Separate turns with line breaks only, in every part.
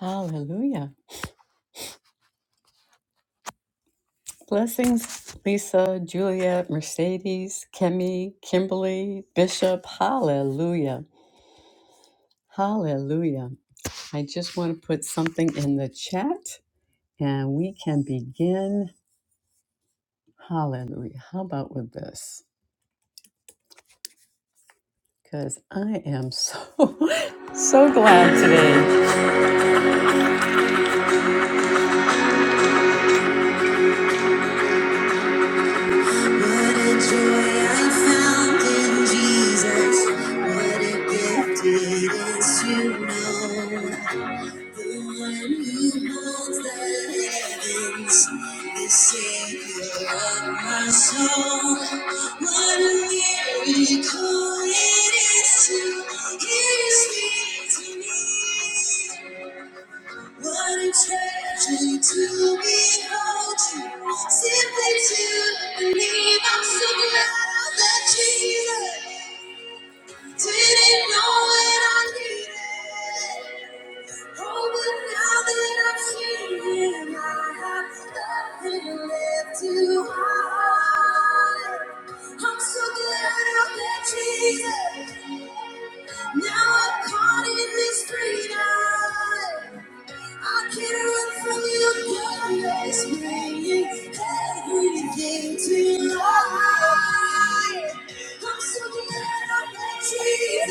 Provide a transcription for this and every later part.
Hallelujah. Blessings, Lisa, Juliet, Mercedes, Kemi, Kimberly, Bishop. Hallelujah. Hallelujah. I just want to put something in the chat and we can begin. Hallelujah. How about with this? Because I am so, so glad today. What a joy I found in Jesus. What a gift it is to know. Simply to believe I'm so glad that Jesus. Didn't know what I needed. Oh, but now that I've seen him, I have nothing left to hide. I'm so glad I met Jesus. Now I'm caught in this freedom. I can't run from you, God is bringing everything to life. I'm so glad I met Jesus.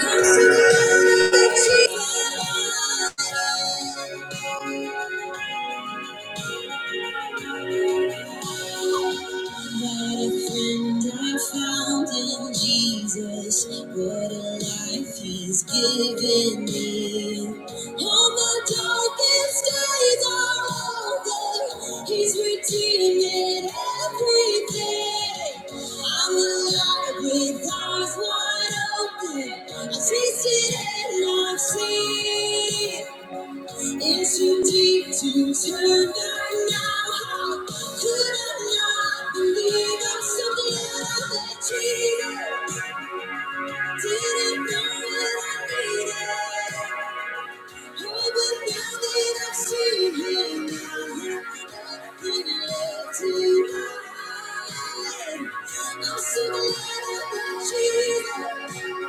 I'm so glad I met Jesus. What a friend I found in Jesus. What a life He's given me. All the darkest days are over. He's redeeming everything. I'm alive with eyes wide open. I've tasted and I've seen. It's too deep to turn back now. How could I not believe I'm so glad that Jesus didn't know what I needed? Oh, but now that I've seen Him, I have everything left to hide. I'm so glad I that Jesus.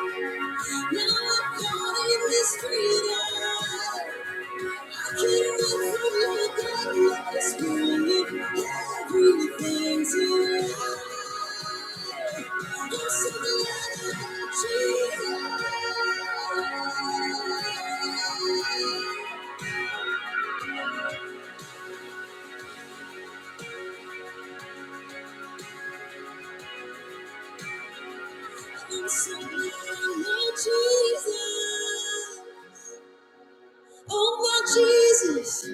Jesus,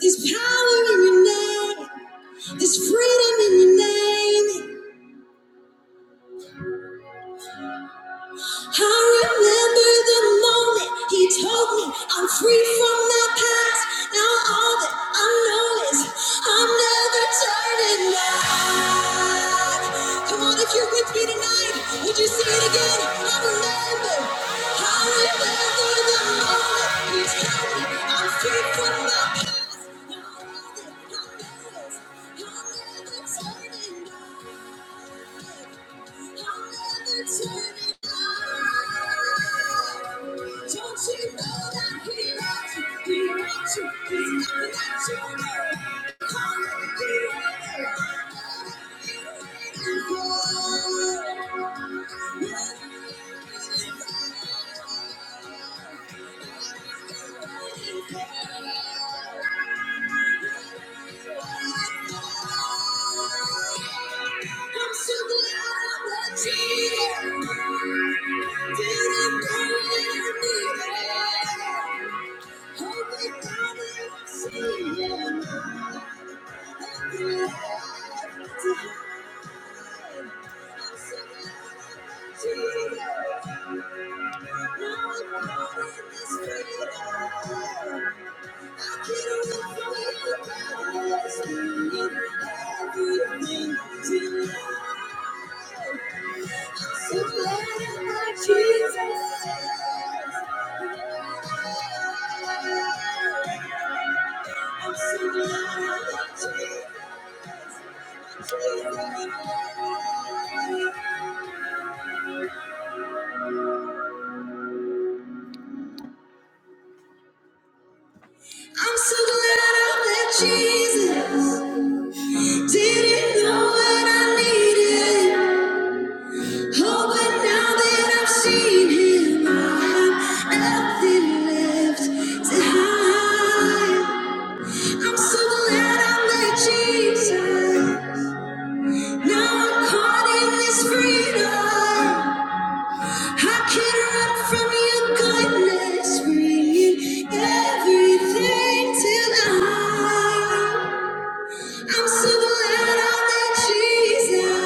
there's power in your name. There's freedom in your name. I remember the moment he told me I'm free from the past. Now all that I know is I'm never turning back. Come on, if you're with me tonight, would you sing it again? I remember. I remember the moment he told me I'm free. from the past. Thank you. Now I'm so glad that Jesus didn't come near me. Jesus. I'm so glad I met Jesus. Didn't know what I needed. Oh, but now that I've seen him, I have nothing left to hide. I'm so glad I met Jesus. Now I'm caught in this freedom. I can't run from your goodness, bringing everything to light. I'm so glad I met Jesus.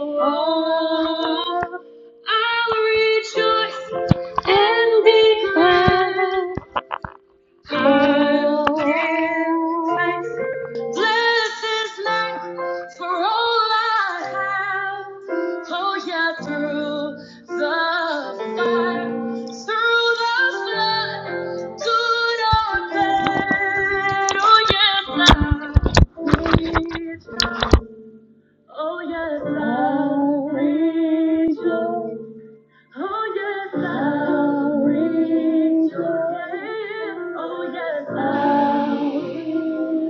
Oh, thanks. Bless his name for all I have. Oh, yeah, through the fire, through the flood, good or bad. Oh, yes, I, rejoice. oh, yes, I rejoice. Oh yes, I'll reach your hand. Oh yes, I'll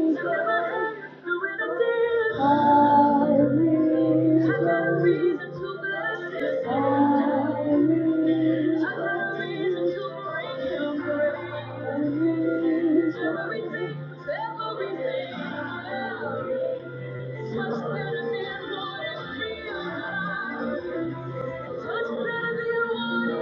lift up my hands with a tear. I'll reach. I got a reason to bless you. I'll reach. I got a reason to bring you praise. Everything, everything. Touch better than what is real. Touch better than what is real.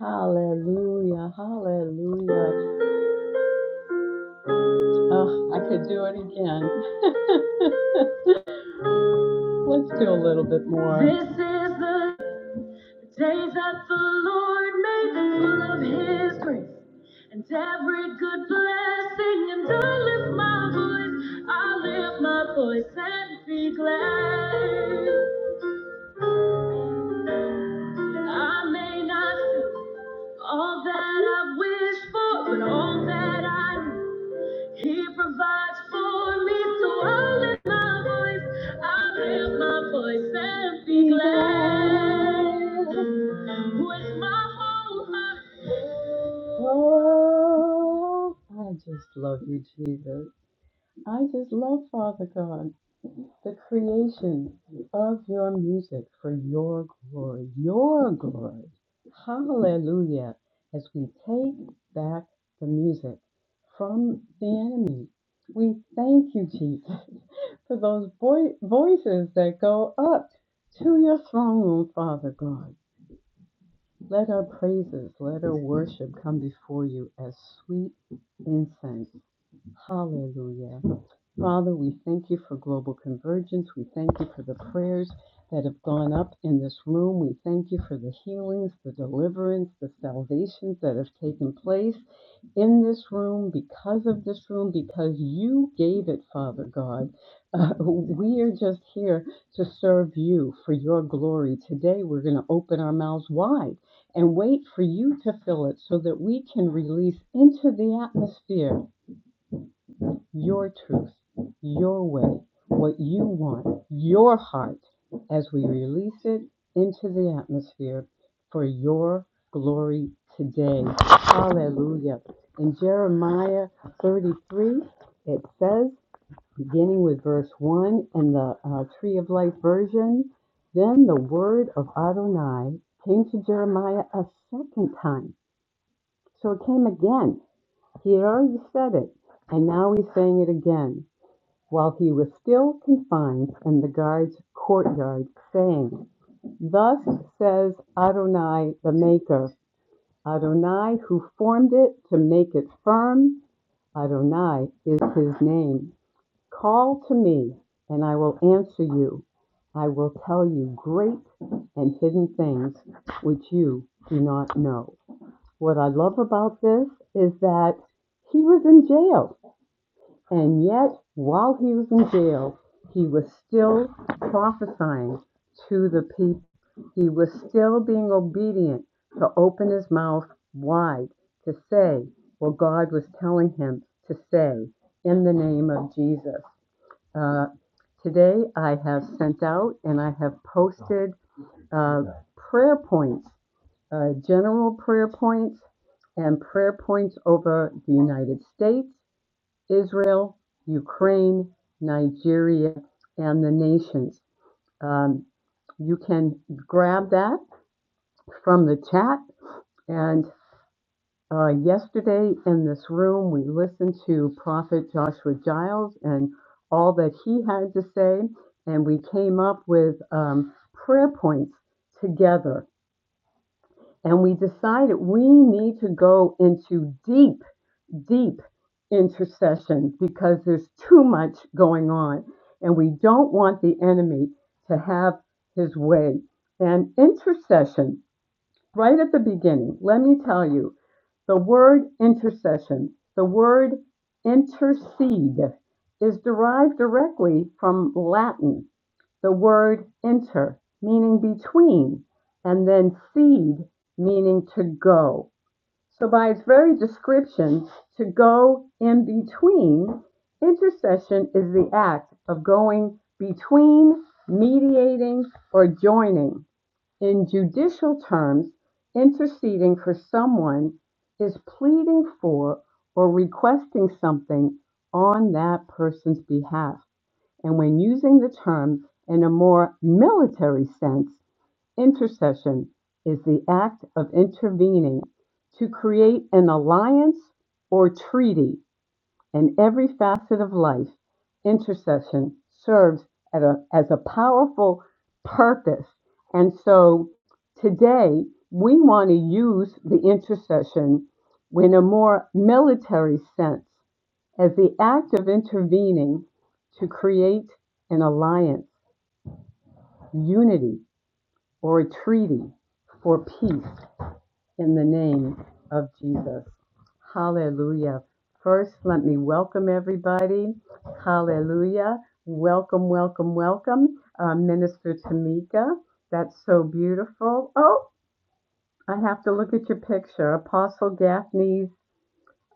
Hallelujah, hallelujah. Oh, I could do it again. Let's do a little bit more. This is the day that the Lord made full of his grace and every good blessing. And I lift my voice, I lift my voice and be glad. I may not see all that I wish for, but all that I He provides for me, so I'll lift my voice. I'll lift my voice and be glad. With my whole heart. Oh, I just love you, Jesus. I just love Father God the creation of your music for your glory, your glory. Hallelujah. As we take back the music from the enemy, we thank you, Jesus, for those vo- voices that go up to your throne room, Father God. Let our praises, let our worship come before you as sweet incense. Hallelujah. Father, we thank you for global convergence. We thank you for the prayers that have gone up in this room. We thank you for the healings, the deliverance, the salvations that have taken place in this room because of this room, because you gave it, Father God. Uh, we are just here to serve you for your glory. Today, we're going to open our mouths wide and wait for you to fill it so that we can release into the atmosphere your truth, your way, what you want, your heart, as we release it into the atmosphere for your glory today. Hallelujah. In Jeremiah 33, it says, beginning with verse 1 in the uh, Tree of Life version, then the word of Adonai came to Jeremiah a second time. So it came again. He had already said it, and now he's saying it again while he was still confined in the guard's courtyard, saying, Thus says Adonai the Maker, Adonai who formed it to make it firm, Adonai is his name. Call to me, and I will answer you. I will tell you great and hidden things which you do not know. What I love about this is that he was in jail. And yet, while he was in jail, he was still prophesying to the people. He was still being obedient to open his mouth wide to say what God was telling him to say in the name of Jesus. Uh, today, I have sent out and I have posted uh, prayer points, uh, general prayer points, and prayer points over the United States Israel, Ukraine, Nigeria, and the nations. Um, you can grab that from the chat. And uh, yesterday in this room, we listened to Prophet Joshua Giles and all that he had to say. And we came up with um, prayer points together. And we decided we need to go into deep deep intercession because there's too much going on and we don't want the enemy to have his way. And intercession, right at the beginning, let me tell you the word intercession, the word intercede is derived directly from Latin, the word inter, meaning between, and then seed, meaning to go. So, by its very description, to go in between, intercession is the act of going between, mediating, or joining. In judicial terms, interceding for someone is pleading for or requesting something on that person's behalf. And when using the term in a more military sense, Intercession is the act of intervening to create an alliance or treaty in every facet of life. Intercession serves at a, as a powerful purpose. And so today we want to use the intercession in a more military sense as the act of intervening to create an alliance, unity, or a treaty for peace. in the name of Jesus. Hallelujah. First, let me welcome everybody. Hallelujah. Welcome, welcome, welcome. Uh, Minister Tamika, that's so beautiful. Oh, I have to look at your picture. Apostle Gaffney's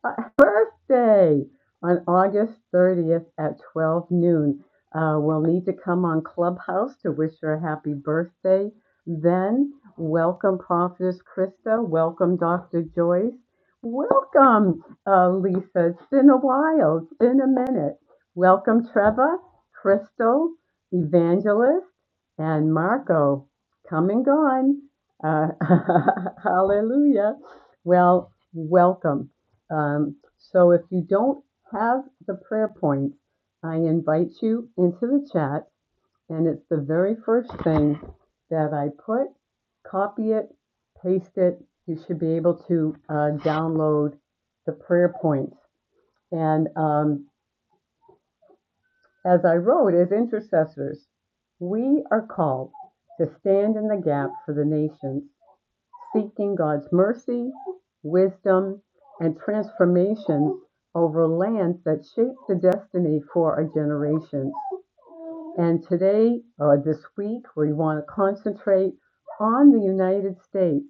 birthday on August 30th at 12 noon. Uh, we'll need to come on Clubhouse to wish her a happy birthday. Then, welcome Prophetess Krista. Welcome Dr. Joyce. Welcome uh, Lisa. It's been a while. It's been a minute. Welcome Trevor, Crystal, Evangelist, and Marco. Come and gone. Uh, hallelujah. Well, welcome. Um, so if you don't have the prayer point, I invite you into the chat, and it's the very first thing that I put. Copy it, paste it. You should be able to uh, download the prayer points. And um, as I wrote, as intercessors, we are called to stand in the gap for the nations seeking God's mercy, wisdom, and transformation over lands that shape the destiny for our generations. And today, or this week, we want to concentrate on the United States.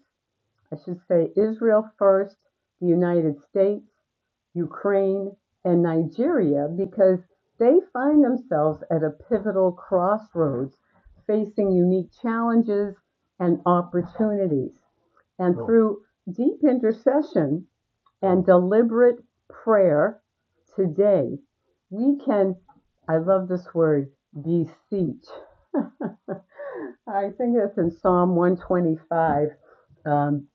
I should say Israel first, the United States, Ukraine, and Nigeria, because they find themselves at a pivotal crossroads, facing unique challenges and opportunities. And Oh, through deep intercession and deliberate prayer today, we can, I love this word, beseech. I think it's in Psalm 125. Um,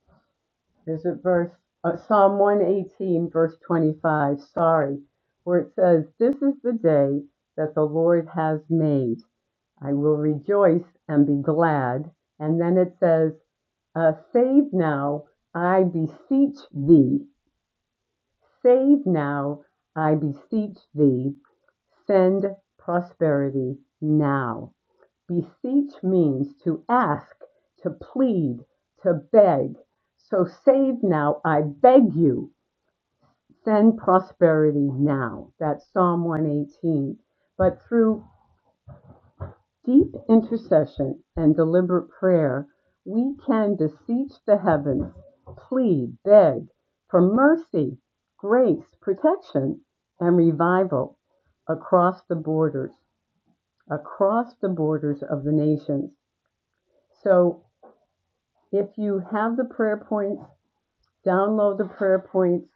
there's a verse, uh, Psalm 118, verse 25, sorry, where it says, This is the day that the Lord has made. I will rejoice and be glad. And then it says, uh, save now, I beseech thee. Save now, I beseech thee. Send prosperity now. Beseech means to ask, to plead, to beg. So save now, I beg you. Send prosperity now. That's Psalm 118. But through deep intercession and deliberate prayer, we can beseech the heavens, plead, beg for mercy, grace, protection, and revival across the borders, across the borders of the nations. So if you have the prayer points, download the prayer points,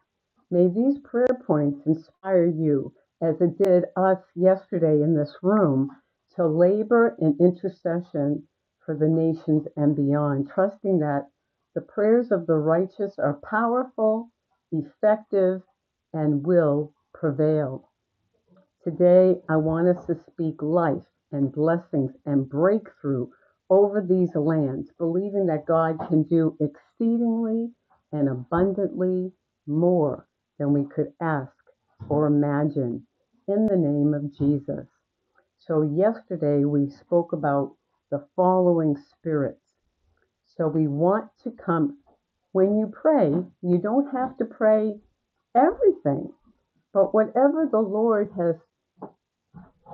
May these prayer points inspire you, as it did us yesterday in this room, to labor in intercession for the nations and beyond, trusting that the prayers of the righteous are powerful, effective, and will prevail. Today, I want us to speak life and blessings and breakthrough over these lands, believing that God can do exceedingly and abundantly more than we could ask or imagine in the name of Jesus. So, yesterday we spoke about the following spirits. So, we want to come. When you pray, you don't have to pray everything, but whatever the Lord has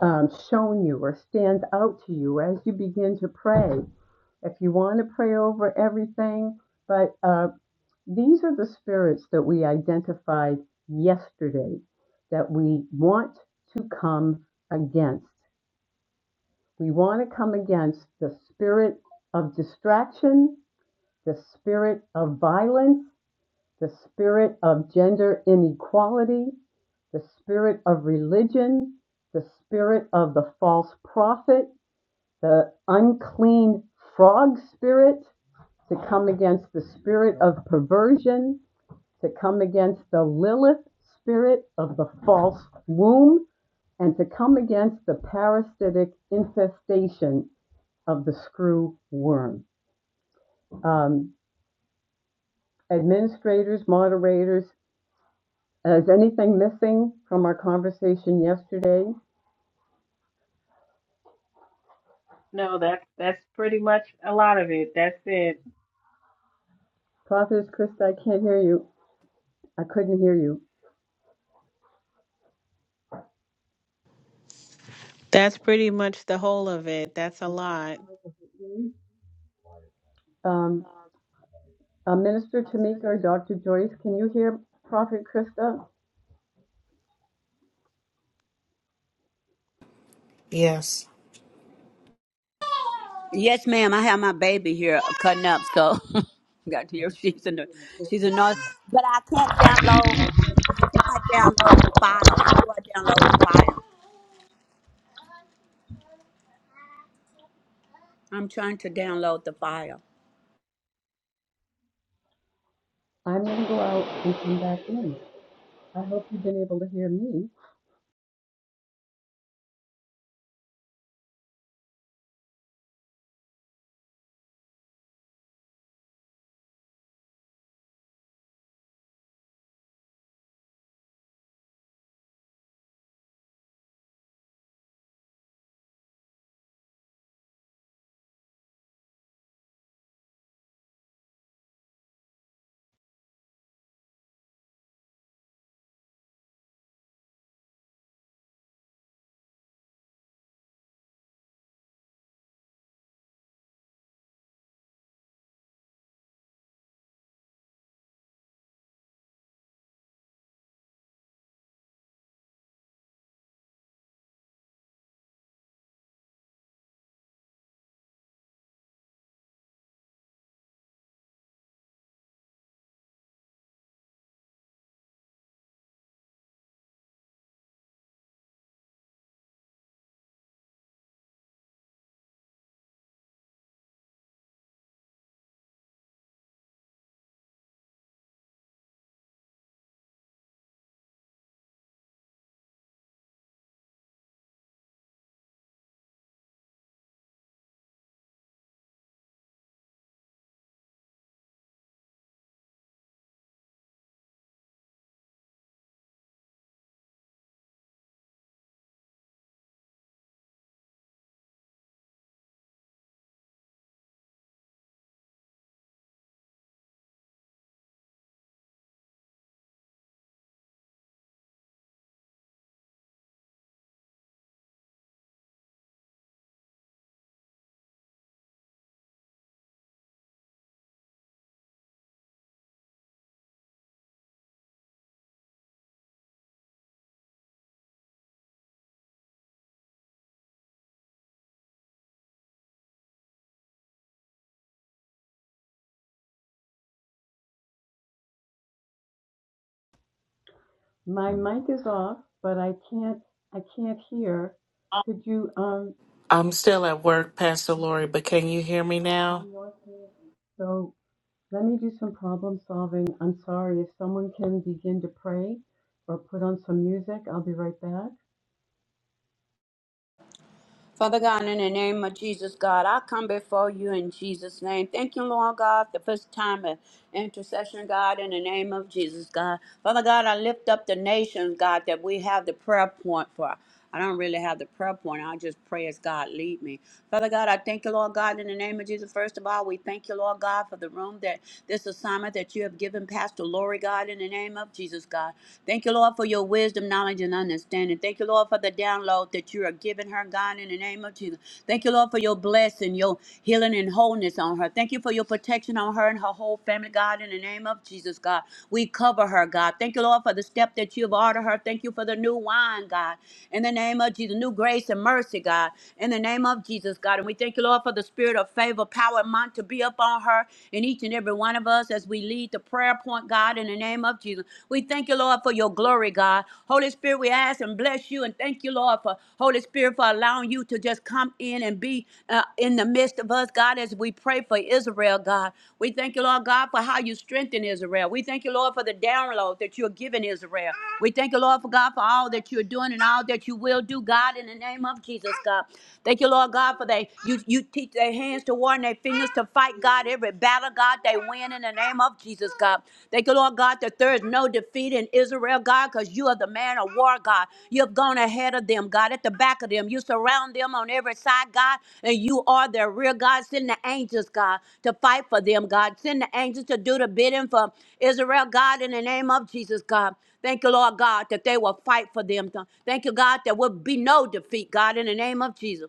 um, shown you or stands out to you as you begin to pray. If you want to pray over everything, but uh, these are the spirits that we identified yesterday that we want to come against. We want to come against the spirit of distraction, the spirit of violence, the spirit of gender inequality, the spirit of religion, the spirit of the false prophet, the unclean frog spirit to come against the spirit of perversion, to come against the Lilith spirit of the false womb, and to come against the parasitic infestation of the screw worm. Um, administrators, moderators, is anything missing from our conversation yesterday?
No, that's that's pretty much a lot of it. That's it.
Prophetess Krista, I can't hear you. I couldn't hear you.
That's pretty much the whole of it. That's a lot.
Um, Uh, Minister Tamika Dr. Joyce, can you hear Prophet Krista?
Yes.
Yes, ma'am. I have my baby here cutting up, so got here. She's in the she's in North, but I can't download. I cannot download the file. How do I download the file? I'm trying to download the file.
I'm going to go out and come back in. I hope you've been able to hear me. My mic is off, but I can't. I can't hear. Could you um?
I'm still at work, Pastor Lori, but can you hear me now?
I'm not hearing. So let me do some problem solving. I'm sorry. If someone can begin to pray or put on some music, I'll be right back.
Father God, in the name of Jesus, God, I come before you in Jesus' name. Thank you, Lord God, the first time of intercession, God, in the name of Jesus, God. Father God, I lift up the nations, God, that we have the prayer point for. I don't really have the prayer point. I just pray as God lead me. Father God, I thank you, Lord God, in the name of Jesus. First of all, we thank you, Lord God, for the room that this assignment that you have given Pastor Lori, God, in the name of Jesus, God. Thank you, Lord, for your wisdom, knowledge, knowledge and understanding. Thank you, Lord, for the download that you are giving her, God, in the name of Jesus. Thank you, Lord, for your blessing, your healing and wholeness on her. Thank you for your protection on her and her whole family, God, in the name of Jesus, God. We cover her, God. Thank you, Lord, for the step that you've ordered her. Thank you for the new wine, God, in the name of Jesus, new grace and mercy, God, in the name of Jesus, God. And we thank you, Lord, for the spirit of favor, power, and might to be upon her and each and every one of us as we lead the prayer point, God. God, in the name of Jesus. We thank you, Lord, for your glory, God. Holy Spirit, we ask and bless you, and thank you, Lord, for Holy Spirit, for allowing you to just come in and be uh, in the midst of us, God, as we pray for Israel, God. We thank you, Lord God, for how you strengthen Israel. We thank you, Lord, for the download that you're giving Israel. We thank you, Lord, for God, for all that you're doing and all that you will do, God, in the name of Jesus, God. Thank you, Lord God, for they you you teach their hands to war and their fingers to fight fight, God, every battle, God, they win in the name of Jesus, God. Thank you, Lord God, that there is no defeat in Israel, God, because you are the man of war, God. You have gone ahead of them, God, at the back of them. You surround them on every side, God, and you are their rear, God. Send the angels, God, to fight for them, God. Send the angels to do the bidding for Israel, God, in the name of Jesus, God. Thank you, Lord God, that they will fight for them. Thank you, God, there will be no defeat, God, in the name of Jesus.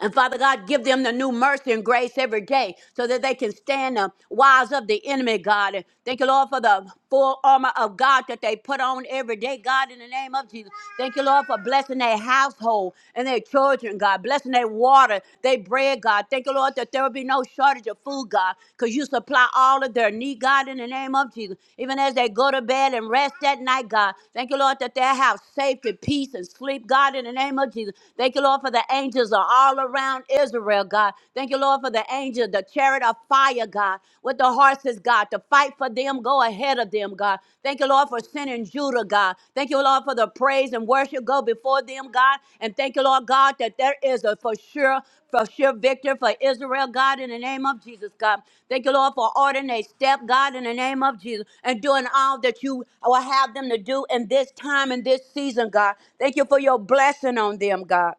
And Father God, give them the new mercy and grace every day so that they can stand the wiles of the enemy, God. And thank you, Lord, for the full armor of God that they put on every day, God, in the name of Jesus. Thank you, Lord, for blessing their household and their children, God, blessing their water, their bread, God. Thank you, Lord, that there will be no shortage of food, God, because you supply all of their need, God, in the name of Jesus. Even as they go to bed and rest that night, God. Thank you, Lord, that they have safety, peace, and sleep, God, in the name of Jesus. Thank you, Lord, for the angels angels are all around Israel, God. Thank you, Lord, for the angel, the chariot of fire, God, with the horses, God, to fight for them, go ahead of them, God. Thank you, Lord, for sending Judah, God. Thank you, Lord, for the praise and worship go before them, God. And thank you, Lord, God, that there is a for sure, for sure victory for Israel, God, in the name of Jesus, God. Thank you, Lord, for ordering a step, God, in the name of Jesus, and doing all that you will have them to do in this time and this season, God. Thank you for your blessing on them, God.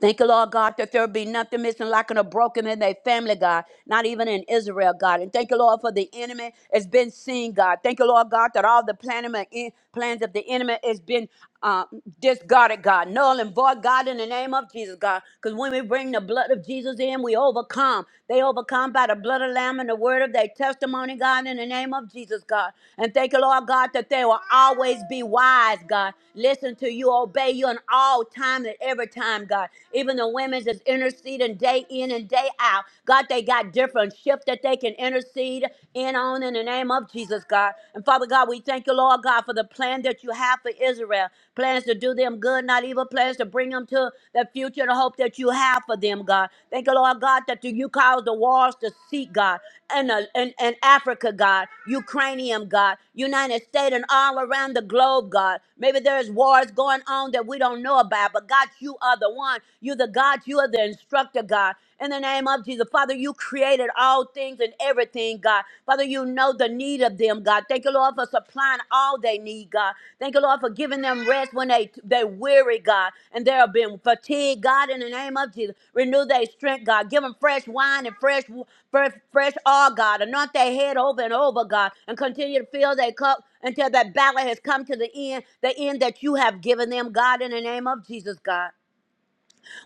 Thank you, Lord God, that there be nothing missing, lacking, or broken in their family, God, not even in Israel, God. And thank you, Lord, for the enemy has been seen, God. Thank you, Lord God, that all the planning and en- plans of the enemy has been uh, discarded, God. Null and void, God, in the name of Jesus, God. Because when we bring the blood of Jesus in, we overcome. They overcome by the blood of Lamb and the word of their testimony, God, in the name of Jesus, God. And thank you, Lord God, that they will always be wise, God. Listen to you, obey you in all time and every time, God. God. Even the women's is interceding day in and day out. God, they got different shift that they can intercede in on in the name of Jesus, God. And Father God, we thank you, Lord God, for the plan that you have for Israel. Plans to do them good, not evil. Plans to bring them to the future, the hope that you have for them, God. Thank you, Lord God, that you cause the walls to seek, God and, uh, and, and Africa, God, Ukrainian, God, United States, and all around the globe, God. Maybe there's wars going on that we don't know about, but God, you are the one. You're the God, you are the instructor, God. In the name of Jesus, Father, you created all things and everything, God. Father, you know the need of them, God. Thank you, Lord, for supplying all that they need, God. Thank you, Lord, for giving them rest when they they weary, God, and they have been fatigued, God. In the name of Jesus, renew their strength, God. Give them fresh wine and fresh fresh, fresh oil, God. Anoint their head over and over, God, and continue to fill their cup until that battle has come to the end, the end that you have given them, God. In the name of Jesus, God.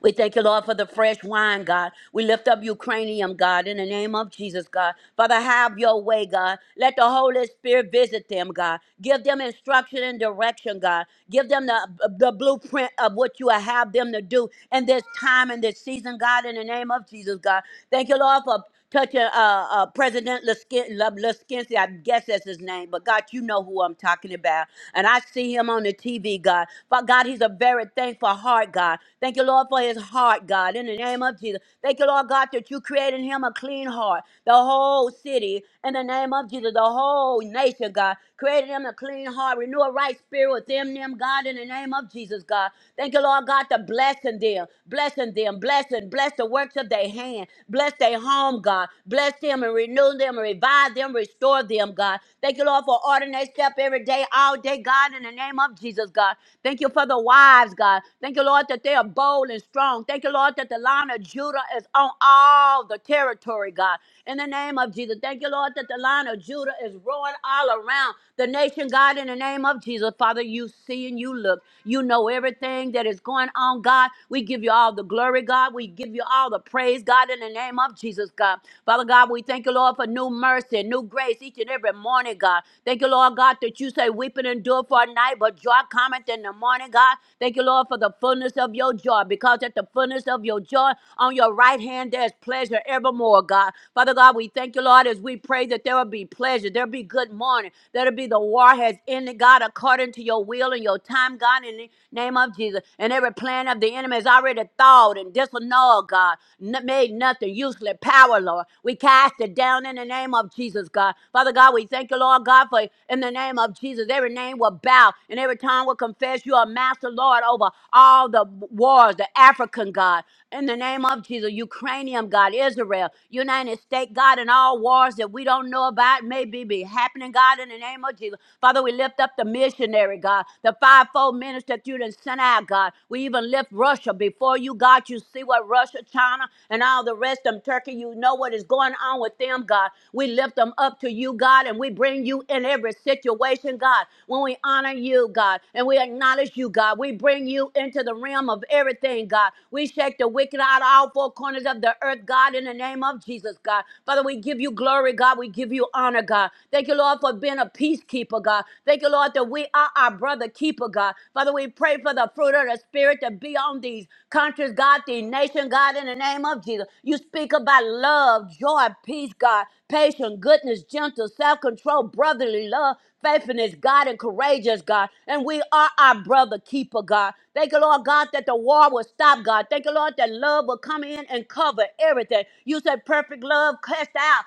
We thank you, Lord, for the fresh wine, God. We lift up Ukrainian, God, in the name of Jesus, God. Father, have your way, God. Let the Holy Spirit visit them, God. Give them instruction and direction, God. Give them the, the blueprint of what you have them to do in this time and this season, God, in the name of Jesus, God. Thank you, Lord, for touching uh, uh, President Leskin- Le- Leskinsky, I guess that's his name, but God, you know who I'm talking about. And I see him on the TV, God. But God, he's a very thankful heart, God. Thank you, Lord, for his heart, God, in the name of Jesus. Thank you, Lord God, that you created him a clean heart. The whole city, in the name of Jesus, the whole nation, God, created him a clean heart. Renew a right spirit within them, God, in the name of Jesus, God. Thank you, Lord God, to blessing them, blessing them, blessing Bless the works of their hand. Bless their home, God. Bless them and renew them, and revive them, restore them, God. Thank you, Lord, for ordering their step every day, all day, God, in the name of Jesus, God. Thank you for the wives, God. Thank you, Lord, that they are bold and strong. Thank you, Lord, that the line of Judah is on all the territory, God. In the name of Jesus. Thank you, Lord, that the line of Judah is roaring all around the nation, God, in the name of Jesus. Father, you see and you look. You know everything that is going going on, God. We give you all the glory, God. We give you all the praise, God, in the name of Jesus, God. Father God, we thank you, Lord, for new mercy, new grace each and every morning, God. Thank you, Lord God, that you say weeping endure for a night, but joy cometh in the morning, God. Thank you, Lord, for the fullness of your joy, because at the fullness of your joy, on your right hand there's pleasure evermore, God. Father God, we thank you, Lord, as we pray that there will be pleasure, there'll be good morning, there'll be the war has ended, God, according to your will and your your time, God, in the name of Jesus. And every plan of the enemy is already thawed and disannulled, God. N- made nothing, useless power, Lord. We cast it down in the name of Jesus, God. Father God, we thank you, Lord God, for in the name of Jesus, every name will bow and every tongue will confess you are master, Lord, over all the wars, the African God. In the name of Jesus, Ukrainian God, Israel, United States God, and all wars that we don't know about may be, be happening, God, in the name of Jesus. Father, we lift up the missionary, God, the fivefold minister that you done sent out, God. We even lift Russia before you, God. You see what Russia, China, and all the rest of them, Turkey, you know what is going on with them, God. We lift them up to you, God, and we bring you in every situation, God. When we honor you, God, and we acknowledge you, God, we bring you into the realm of everything thing, God. We shake the wicked out of all four corners of the earth, God, in the name of Jesus, God. Father, we give you glory, God. We give you honor, God. Thank you, Lord, for being a peacekeeper, God. Thank you, Lord, that we are our brother keeper, God. Father, we pray for the fruit of the Spirit to be on these countries, God, these nations, God, in the name of Jesus. You speak about love, joy, peace, God patience, goodness, gentle, self control, brotherly love, faithfulness, God, and courageous, God. And we are our brother keeper, God. Thank you, Lord God, that the war will stop, God. Thank you, Lord, that love will come in and cover everything. You said perfect love cast out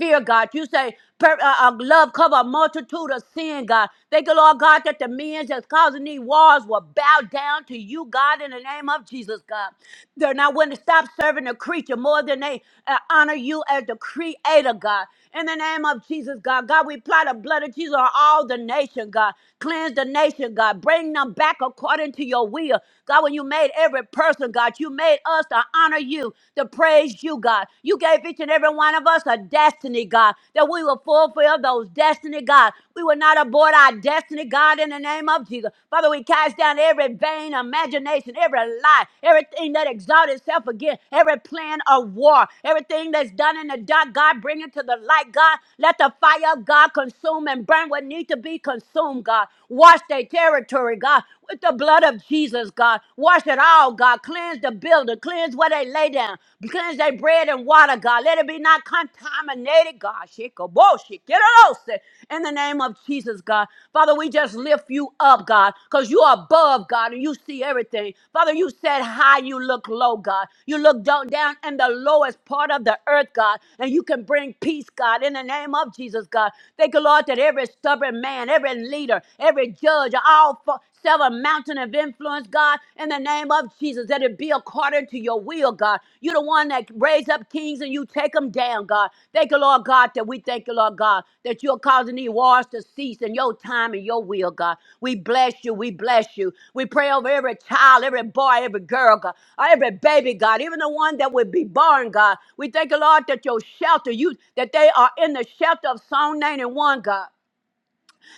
fear, God. You say Per, uh, uh, love cover a multitude of sin, God. Thank you, Lord God, that the men that's causing these wars will bow down to you, God, in the name of Jesus, God. They're not willing to stop serving the creature more than they uh, honor you as the creator, God. In the name of Jesus, God. God, we apply the blood of Jesus on all the nation, God. Cleanse the nation, God. Bring them back according to your will. God, when you made every person, God, you made us to honor you, to praise you, God. God. You gave each and every one of us a destiny, God, that we will fulfill those destiny, God. We will not abort our destiny, God, in the name of Jesus. Father, we cast down every vain imagination, every lie, everything that exalts itself again, every plan of war, everything that's done in the dark, God, bring it to the light, God. Let the fire of God consume and burn what needs to be consumed, God. Wash their territory, God with the blood of Jesus, God. Wash it all, God. Cleanse the building. Cleanse where they lay down. Cleanse their bread and water, God. Let it be not contaminated, God. Shikaboshi. Get it all, say, In the name of Jesus, God. Father, we just lift you up, God, because you are above, God, and you see everything. Father, you said high, you look low, God. You look down, down in the lowest part of the earth, God, and you can bring peace, God, in the name of Jesus, God. Thank you, Lord, that every stubborn man, every leader, every judge, all several mountain of influence, God, in the name of Jesus, that it be according to your will, God. You're the one that raise up kings and you take them down, God. Thank you, Lord God, that we thank you, Lord God, that you're causing these wars to cease in your time and your will, God. We bless you. We bless you. We pray over every child, every boy, every girl, God, every baby, God, even the one that would be born, God. We thank you, Lord, that your shelter, you that they are in the shelter of Psalm 91, God.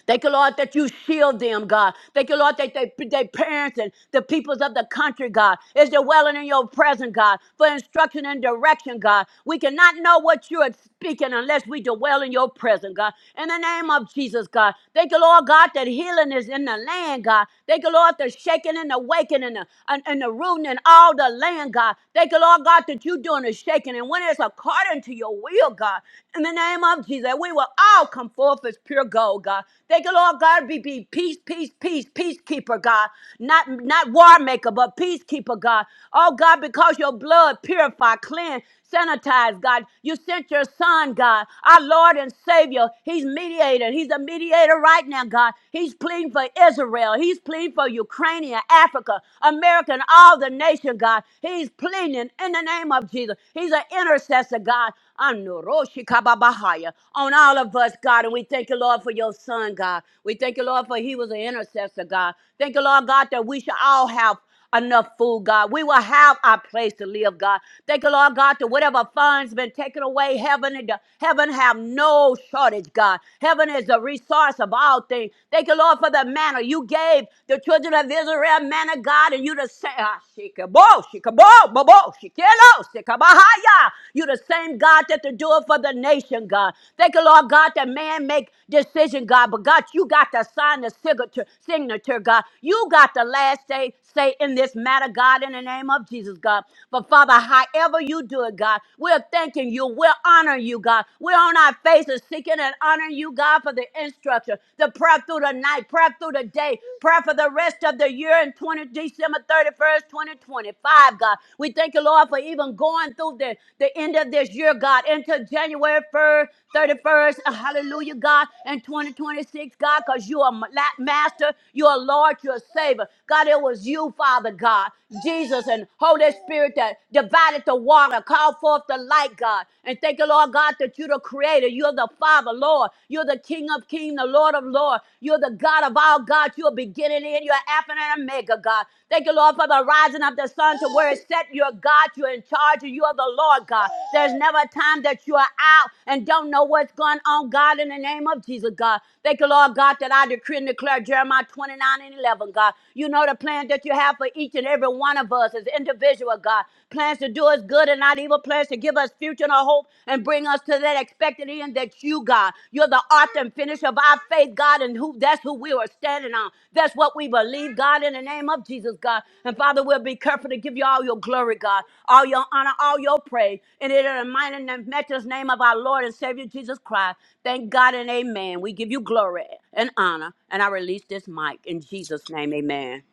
Thank you, Lord, that you shield them, God. Thank you, Lord, that they, they parents and the peoples of the country, God, is dwelling in your presence, God, for instruction and direction, God. We cannot know what you are speaking unless we dwell in your presence, God. In the name of Jesus, God. Thank you, Lord, God, that healing is in the land, God. Thank you, Lord, the shaking and the waking and the, and, and the rooting in all the land, God. Thank you, Lord, God, that you doing the shaking. And when it's according to your will, God, in the name of Jesus, we will all come forth as pure gold, God. Thank you, Lord God, be, be peace, peace, peace, peacekeeper, God. Not not war maker, but peacekeeper, God. Oh God, because your blood purified, cleansed, sanitized, God. You sent your son, God, our Lord and Savior. He's mediator. He's a mediator right now, God. He's pleading for Israel. He's pleading for Ukraine, Africa, America, and all the nation, God. He's pleading intercession in the name of Jesus. He's an intercessor, God. Anuroshikababahaya, On all of us, God. And we thank you, Lord, for your son, God. We thank you, Lord, for he was an intercessor, God. Thank you, Lord, God, that we shall all have enough food, God. We will have our place to live, God. Thank you, Lord God, that whatever funds been taken away, heaven and heaven have no shortage, God. Heaven is the resource of all things. Thank you, Lord, for the manner you gave the children of Israel rare man of God, and you the same. Shikabo, shikabo, bobo, shikelo, shikabahaya. You the same God that to do it for the nation, God. Thank you, Lord God, that man make decision, God. But God, you got to sign the signature, signature, God. You got the last say, say in this matter, God, in the name of Jesus, God. But Father, however you do it, God, we're thanking you. We're honoring you, God. We're on our faces seeking and honoring you, God, for the instruction future, to prayer through the night, prayer through the day, prayer for the rest of the year in 20, December 31st, 2025, God. We thank you, Lord, for even going through the, the end of this year, God, into January 1st, 31st, uh, hallelujah, God, and 2026, God, because you are ma- la- master, you are Lord, you are Savior. God, it was you, Father God, Jesus and Holy Spirit that divided the water, called forth the light, God. And thank you, Lord God, that you're the creator. You're the Father, Lord. You're the King of kings, the Lord of lords. You're the God of all God. You're beginning and you're Alpha and Omega, God. Thank you, Lord, for the rising of the sun to where it's set. You're God. You're in charge. and You are the Lord, God. There's never a time that you are out and don't know what's going on, God, in the name of Jesus, God. Thank you, Lord God, that I decree and declare Jeremiah 29 and 11, God. You know the plan that you have for each and every one of us as individual, God. God. Plans to do us good and not evil. Plans to give us future and a hope and bring us to that expected end that you, God, you're the author and finisher of our faith, God, and who that's who we are standing on. That's what we believe, God, in the name of Jesus, God. And Father, we'll be careful to give you all your glory, God, all your honor, all your praise. And it is the mighty and matchless name of our Lord and Savior Jesus Christ. Thank God and amen. We give you glory and honor. And I release this mic in Jesus' name, amen.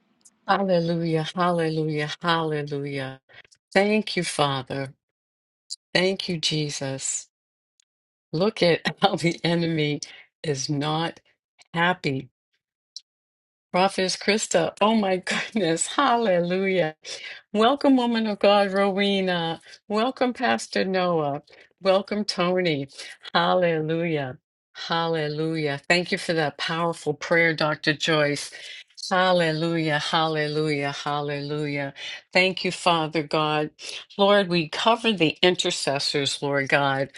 Hallelujah, hallelujah, hallelujah. Thank you, Father. Thank you, Jesus. Look at how the enemy is not happy Prophetess Krista, oh my goodness, hallelujah. Welcome, woman of God, Rowena. Welcome, Pastor Noah. Welcome, Tony. Hallelujah. Hallelujah. Thank you for that powerful prayer, Dr. Joyce. Hallelujah, hallelujah, hallelujah. Thank you, Father God. Lord, we cover the intercessors, Lord God,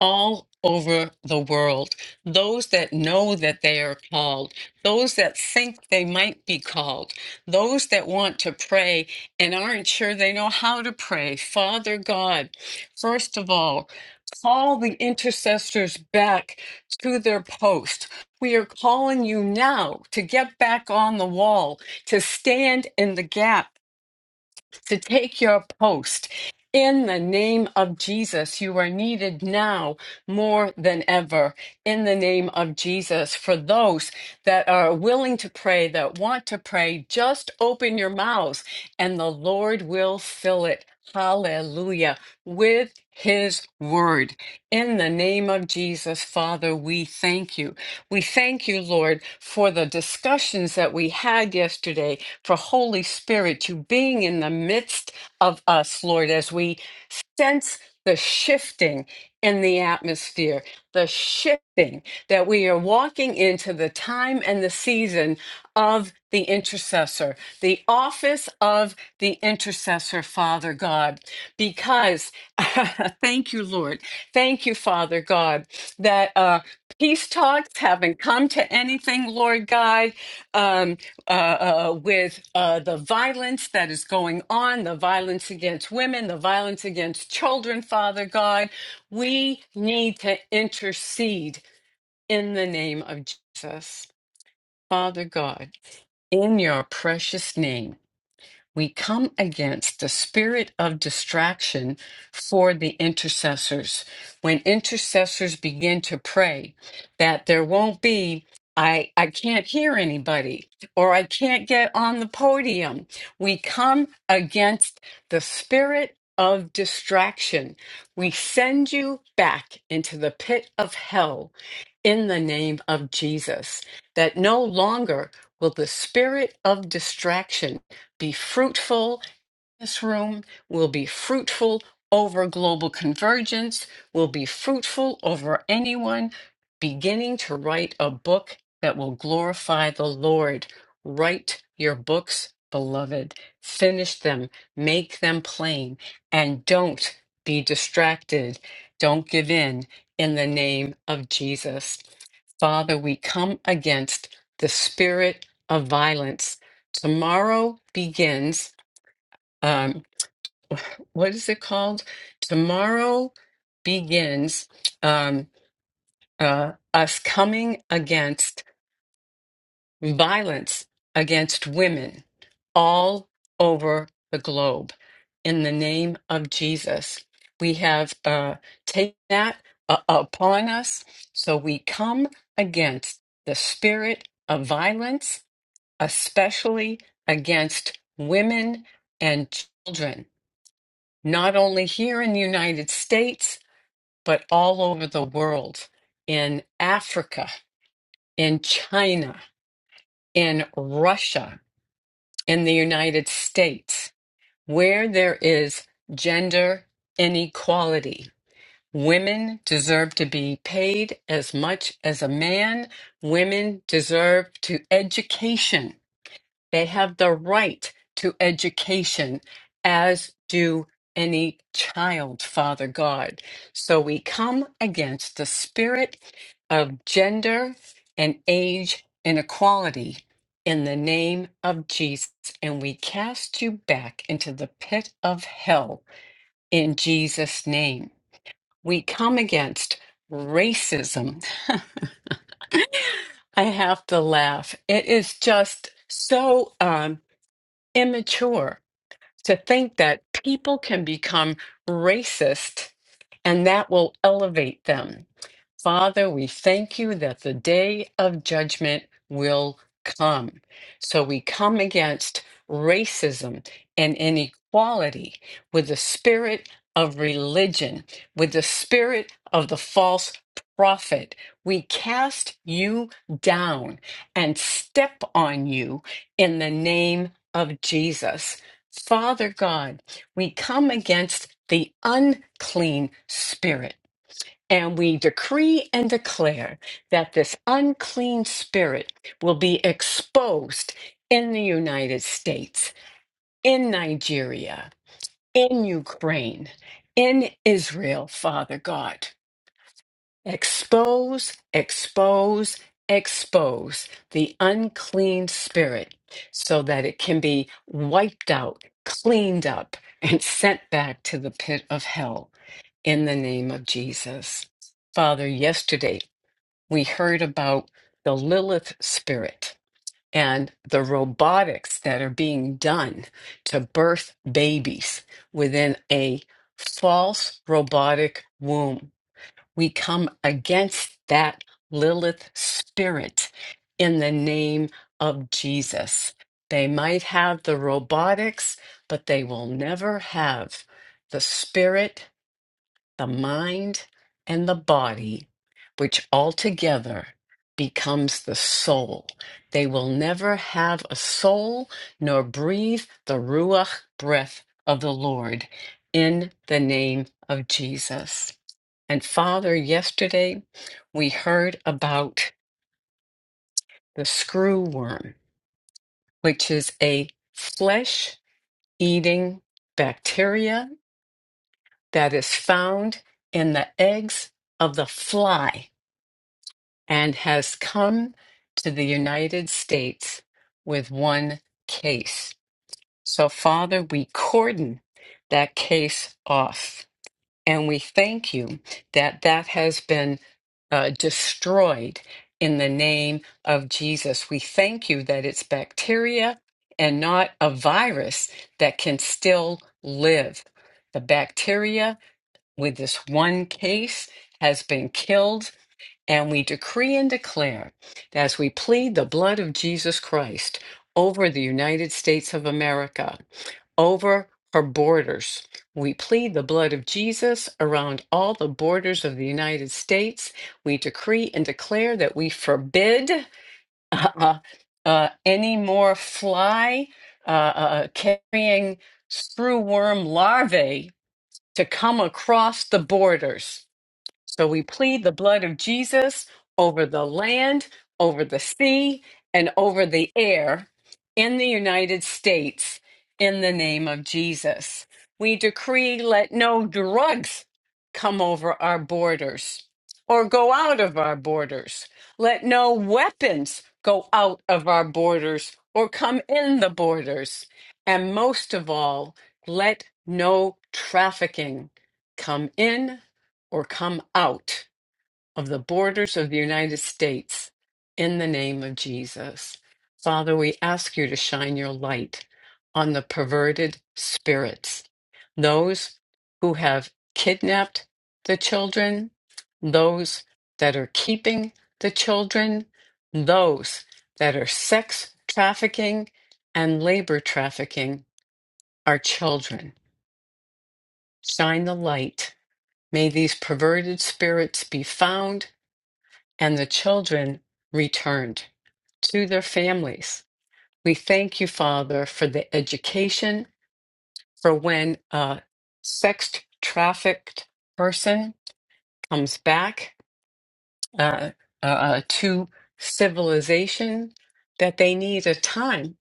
all over the world, those that know that they are called those that think they might be called, those that want to pray and aren't sure they know how to pray. Father God, first of all, call the intercessors back to their post. We are calling you now to get back on the wall, to stand in the gap to take your post. In the name of Jesus, you are needed now more than ever. In the name of Jesus, for those that are willing to pray, that want to pray, just open your mouths and the Lord will fill it. Hallelujah. With his word. In the name of Jesus, Father, we thank you. We thank you, Lord, for the discussions that we had yesterday, for Holy Spirit, you being in the midst of us, Lord, as we sense the shifting in the atmosphere, the shifting that we are walking into the time and the season of the intercessor, the office of the intercessor, Father God. Because, thank you, Lord. Thank you, Father God, that. Uh, Peace talks haven't come to anything, Lord God, um, uh, uh, with uh, the violence that is going on, the violence against women, the violence against children, Father God. We need to intercede in the name of Jesus, Father God, in your precious name we come against the spirit of distraction for the intercessors. When intercessors begin to pray, that there won't be, I, I can't hear anybody or I can't get on the podium. We come against the spirit of distraction. We send you back into the pit of hell in the name of Jesus, that no longer will the spirit of distraction be fruitful, this room will be fruitful over global convergence, will be fruitful over anyone beginning to write a book that will glorify the Lord. Write your books, beloved. Finish them, make them plain, and don't be distracted. Don't give in in the name of Jesus. Father, we come against the spirit of violence. Tomorrow begins. Um, what is it called? Tomorrow begins um, uh, us coming against violence against women all over the globe in the name of Jesus. We have uh, taken that uh, upon us, so we come against the spirit of violence, especially against women and children not only here in the United States, but all over the world in Africa, in China, in Russia, in the United States, where there is gender inequality. Women deserve to be paid as much as a man. Women deserve to education They have the right to education, as do any child, Father God. So we come against the spirit of gender and age inequality in the name of Jesus, and we cast you back into the pit of hell in Jesus' name. We come against racism. I have to laugh. It is just so. Um, immature to think that people can become racist and that will elevate them. Father, we thank you that the day of judgment will come. So we come against racism and inequality with the spirit of religion, with the spirit of the false prophet. We cast you down and step on you in the name of Jesus. Father God, we come against the unclean spirit. And we decree and declare that this unclean spirit will be exposed in the United States, in Nigeria, in Ukraine, in Israel, Father God. Expose, expose, expose the unclean spirit so that it can be wiped out, cleaned up, and sent back to the pit of hell in the name of Jesus. Father, yesterday we heard about the Lilith spirit and the robotics that are being done to birth babies within a false robotic womb we come against that Lilith spirit in the name of Jesus. They might have the robotics, but they will never have the spirit the mind and the body, which altogether becomes the soul. They will never have a soul nor breathe the Ruach breath of the Lord in the name of Jesus. And Father, yesterday we heard about the screw worm, which is a flesh eating bacteria that is found in the eggs of the fly and has come to the United States with one case. So, Father, we cordon that case off. And we thank you that that has been uh, destroyed in the name of Jesus. We thank you that it's bacteria and not a virus that can still live. The bacteria with this one case has been killed and we decree and declare that as we plead the blood of Jesus Christ over the United States of America, over her borders, we plead the blood of Jesus around all the borders of the United States. We decree and declare that we forbid uh, uh, any more fly uh, uh, uh, carrying screwworm larvae to come across the borders so we plead the blood of Jesus over the land, over the sea, and over the air in the United States in the name of Jesus. We decree let no drugs come over our borders or go out of our borders. Let no weapons go out of our borders or come in the borders. And most of all, let no trafficking come in or come out of the borders of the United States in the name of Jesus. Father, we ask you to shine your light on the perverted spirits, those who have kidnapped the children, those that are keeping the children, those that are sex trafficking and labor trafficking our children. Shine the light. May these perverted spirits be found and the children returned to their families. We thank you, Father, for the education for when a sex trafficked person comes back uh, uh, uh, to civilization, that they need a time,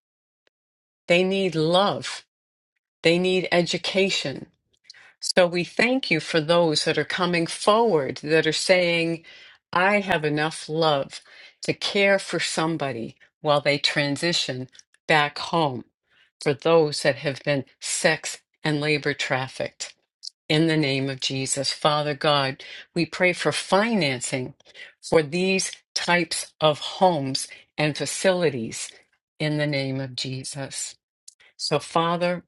they need love, they need education, So we thank you for those that are coming forward that are saying, I have enough love to care for somebody while they transition back home for those that have been sex and labor trafficked. In the name of Jesus, Father God, we pray for financing for these types of homes and facilities in the name of Jesus. So, Father,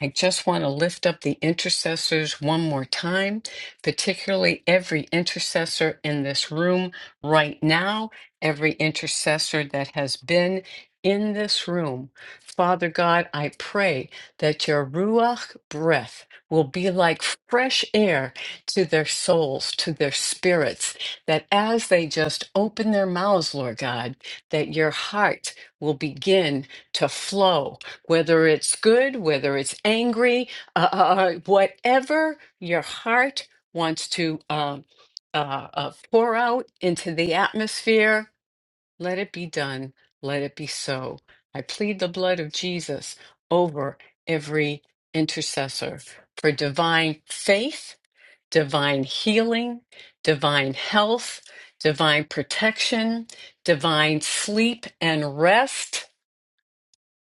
I just want to lift up the intercessors one more time, particularly every intercessor in this room right now, every intercessor that has been in this room. Father God, I pray that your Ruach breath will be like fresh air to their souls, to their spirits, that as they just open their mouths, Lord God, that your heart will begin to flow whether it's good, whether it's angry, uh, uh, uh, whatever your heart wants to uh, uh, uh, pour out into the atmosphere, let it be done. Let it be so. I plead the blood of Jesus over every intercessor for divine faith, divine healing, divine health, divine protection, divine sleep and rest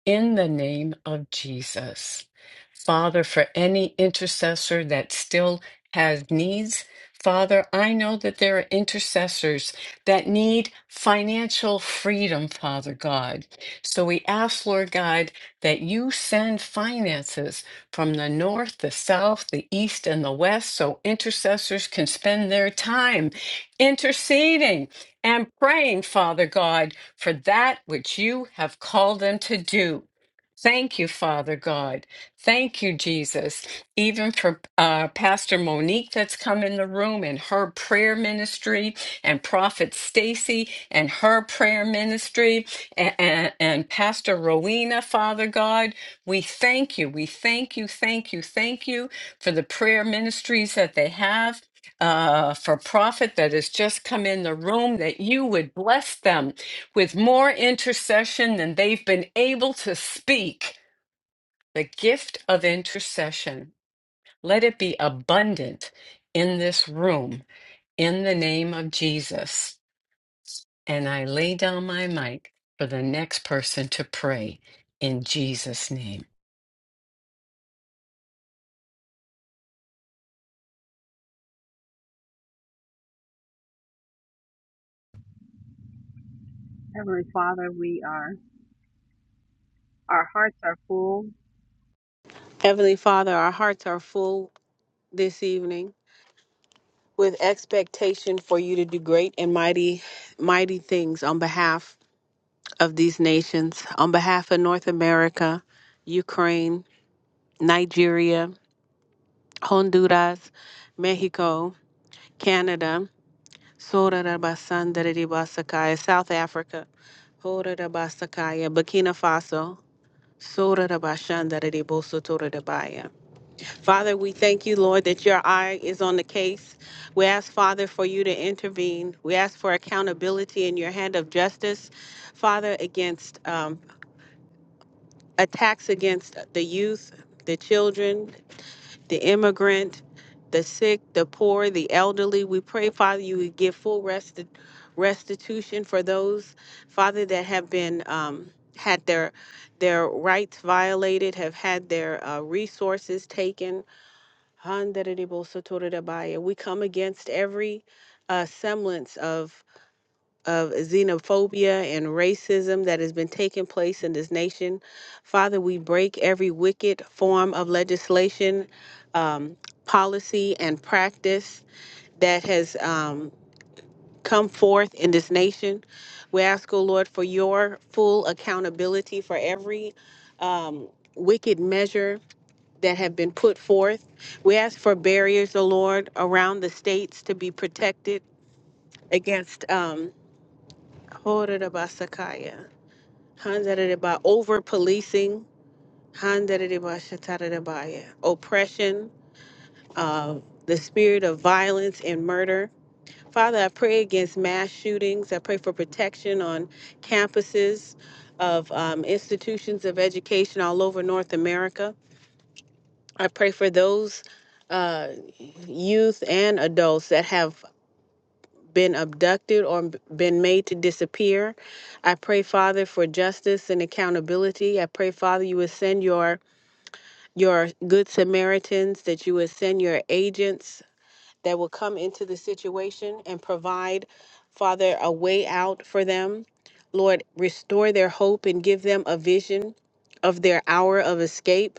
in the name of Jesus. Father, for any intercessor that still has needs, Father, I know that there are intercessors that need financial freedom, Father God. So we ask, Lord God, that you send finances from the north, the south, the east, and the west so intercessors can spend their time interceding and praying, Father God, for that which you have called them to do. Thank you, Father God. Thank you, Jesus, even for uh, Pastor Monique that's come in the room and her prayer ministry, and Prophet Stacy and her prayer ministry, and, and, and Pastor Rowena, Father God. We thank you. We thank you, thank you, thank you for the prayer ministries that they have uh, for profit that has just come in the room, that you would bless them with more intercession than they've been able to speak. The gift of intercession. Let it be abundant in this room in the name of Jesus. And I lay down my mic for the next person to pray in Jesus' name.
Heavenly Father, we are our hearts are full. Heavenly Father, our hearts are full this evening with expectation for you to do great and mighty, mighty things on behalf of these nations, on behalf of North America, Ukraine, Nigeria, Honduras, Mexico, Canada. Sorarabasandaridibasakai, South Africa. Horarabasakaya, Burkina Faso. Sorarabashandaridibosotorotabaya. Father, we thank you, Lord, that your eye is on the case. We ask, Father, for you to intervene. We ask for accountability in your hand of justice, Father, against um, attacks against the youth, the children the immigrant, the sick, the poor, the elderly. We pray, Father, you would give full resti- restitution for those, Father, that have been um, had their their rights violated, have had their uh, resources taken. We come against every uh, semblance of of xenophobia and racism that has been taking place in this nation. Father, we break every wicked form of legislation, um, policy, and practice that has um, come forth in this nation. We ask, O Lord, for your full accountability for every um, wicked measure that have been put forth. We ask for barriers, O Lord, around the states to be protected against. Um, Handareba, over policing, Handareba, shatareba, yeah. oppression, uh, the spirit of violence and murder. Father, I pray against mass shootings. I pray for protection on campuses of um, institutions of education all over North America. I pray for those uh, youth and adults that have been abducted or been made to disappear. I pray, Father, for justice and accountability. I pray, Father, you would send your your good Samaritans, that you would send your agents that will come into the situation and provide, Father, a way out for them. Lord, restore their hope and give them a vision of their hour of escape.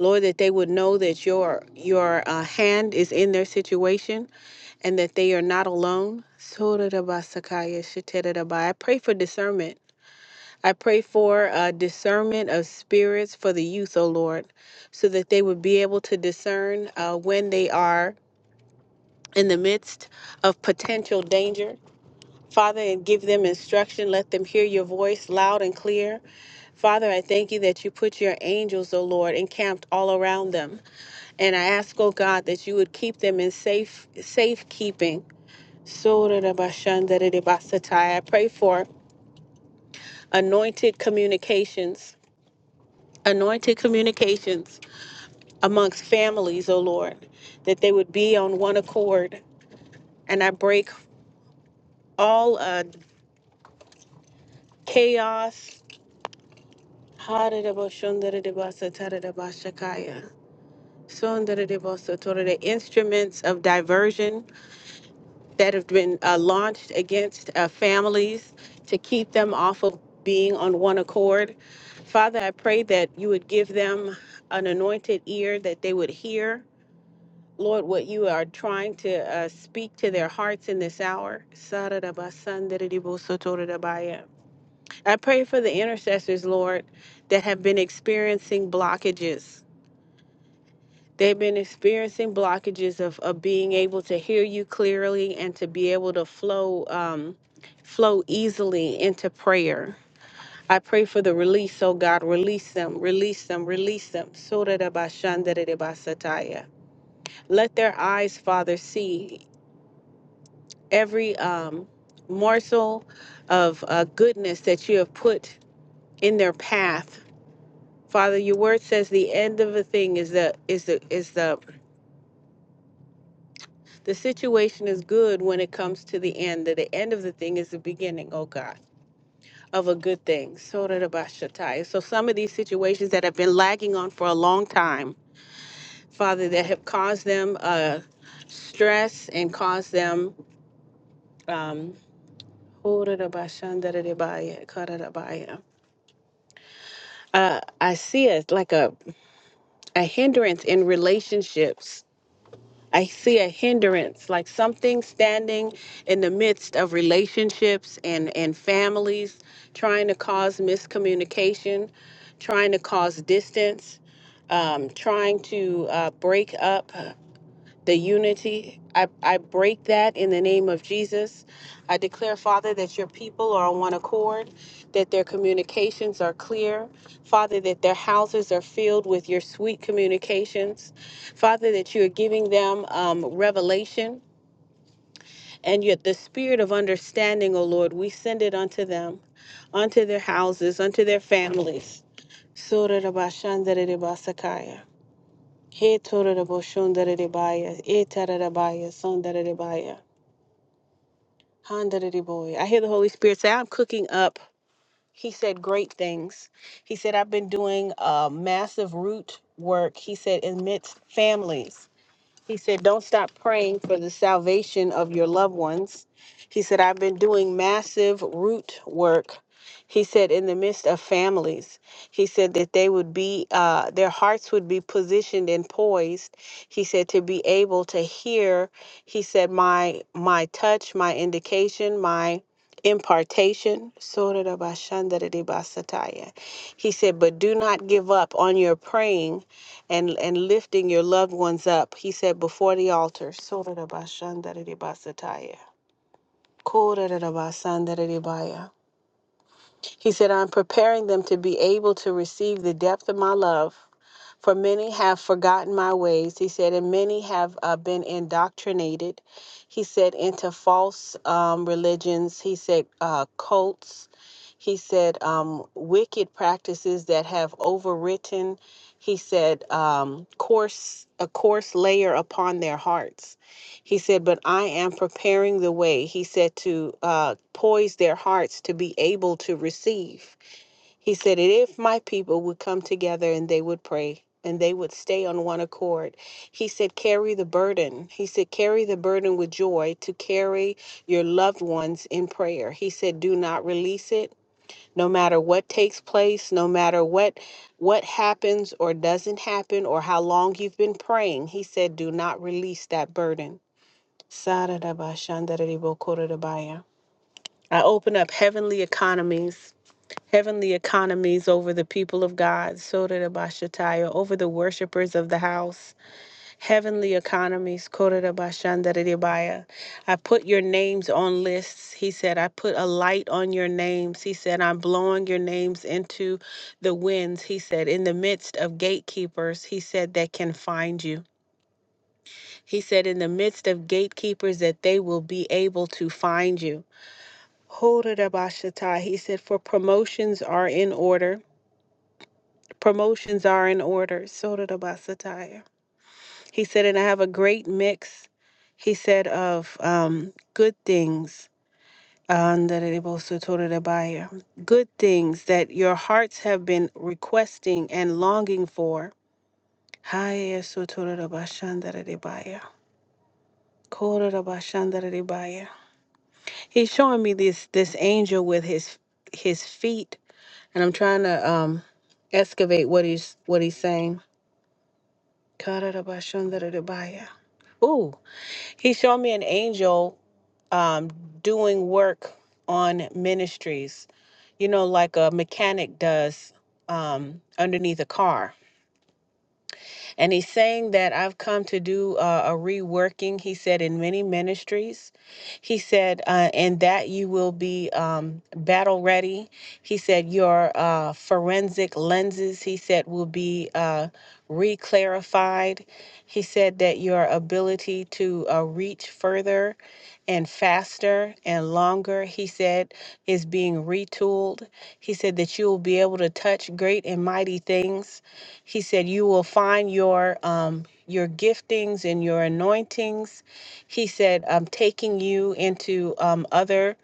Lord, that they would know that your your uh, hand is in their situation and that they are not alone. Sotorabasakaya shetereba. I pray for discernment. I pray for uh, discernment of spirits for the youth, O Lord, so that they would be able to discern uh, when they are in the midst of potential danger. Father, and give them instruction. Let them hear your voice loud and clear. Father, I thank you that you put your angels, O Lord, encamped all around them. And I ask, O God, that you would keep them in safe safekeeping Sorarabashandarabasataya. I pray for anointed communications, anointed communications amongst families, O Lord, that they would be on one accord. And I break all uh, chaos. Hararabashandarabasatadabashakaya. Sondarabasatore, The instruments of diversion that have been uh, launched against uh, families to keep them off of being on one accord. Father, I pray that you would give them an anointed ear that they would hear, Lord, what you are trying to uh, speak to their hearts in this hour. I pray for the intercessors, Lord, that have been experiencing blockages. They've been experiencing blockages of, of being able to hear you clearly and to be able to flow um, flow easily into prayer. I pray for the release, oh God, release them, release them, release them. Sotarabashandarabasataya. Let their eyes, Father, see every um, morsel of uh, goodness that you have put in their path. Father, your word says the end of a thing is the is the is the The situation is good when it comes to the end. That the end of the thing is the beginning, oh God, of a good thing. Sotarabashatai. So some of these situations that have been lagging on for a long time, Father, that have caused them uh, stress and caused them. Um, uh, I see it like a, a hindrance in relationships I see a hindrance, like something standing in the midst of relationships and, and families, trying to cause miscommunication, trying to cause distance, um, trying to uh, break up the unity. I, I break that in the name of Jesus. I declare, Father, that your people are on one accord, that their communications are clear. Father, that their houses are filled with your sweet communications. Father, that you are giving them um, revelation and yet the spirit of understanding, O Lord, we send it unto them, unto their houses, unto their families. Surah Rabashandaridibasakaya. He Torah Raboshandaridibaya, E Tararabaya, Sandaridibaya. Handity boy. I hear the Holy Spirit say, I'm cooking up. He said great things. He said, I've been doing uh, massive root work. He said, amidst families. He said, Don't stop praying for the salvation of your loved ones. He said, I've been doing massive root work. He said, in the midst of families, he said that they would be, uh, their hearts would be positioned and poised. He said to be able to hear. He said, my my touch, my indication, my impartation. Sorarabashandarabasataya. He said, but do not give up on your praying and and lifting your loved ones up. He said before the altar. Sorarabashandarabasataya. Korarabashandarabaya. He said, I'm preparing them to be able to receive the depth of my love. For many have forgotten my ways, he said, and many have uh, been indoctrinated, he said, into false um, religions, he said, uh, cults, he said, um, wicked practices that have overwritten, he said, um, coarse, a coarse layer upon their hearts. He said, But I am preparing the way. He said, to uh, poise their hearts to be able to receive. He said, "And If my people would come together and they would pray and they would stay on one accord, he said, Carry the burden. He said, Carry the burden with joy to carry your loved ones in prayer. He said, Do not release it. No matter what takes place, no matter what what happens or doesn't happen or how long you've been praying, he said, do not release that burden. Saradaba shandararibo korodabaya. I open up heavenly economies, heavenly economies over the people of God, soradaba shataya, over the worshipers of the house, heavenly economies, korodaba shandararibaya. I put your names on lists. He said, I put a light on your names. He said, I'm blowing your names into the winds. He said, in the midst of gatekeepers, he said, that can find you. He said, in the midst of gatekeepers, that they will be able to find you. Horabashata, He said, for promotions are in order. Promotions are in order. Sotarabasataya. He said, and I have a great mix, he said, of um, good things. Andarebosotorabaya. Good things that your hearts have been requesting and longing for. Hayasotorabashandarebaya. Korabashandarebaya. He's showing me this this angel with his his feet, and I'm trying to um excavate what he's what he's saying. Ooh, he showed me an angel um doing work on ministries, you know, like a mechanic does um underneath a car. And he's saying that I've come to do uh, a reworking, he said, in many ministries. He said, uh, and that you will be um, battle ready. He said, your uh, forensic lenses, he said, will be uh, re He said that your ability to uh, reach further and faster and longer, he said, is being retooled. He said that you will be able to touch great and mighty things he said, "You will find your um, your giftings and your anointings." He said, "I'm taking you into um, other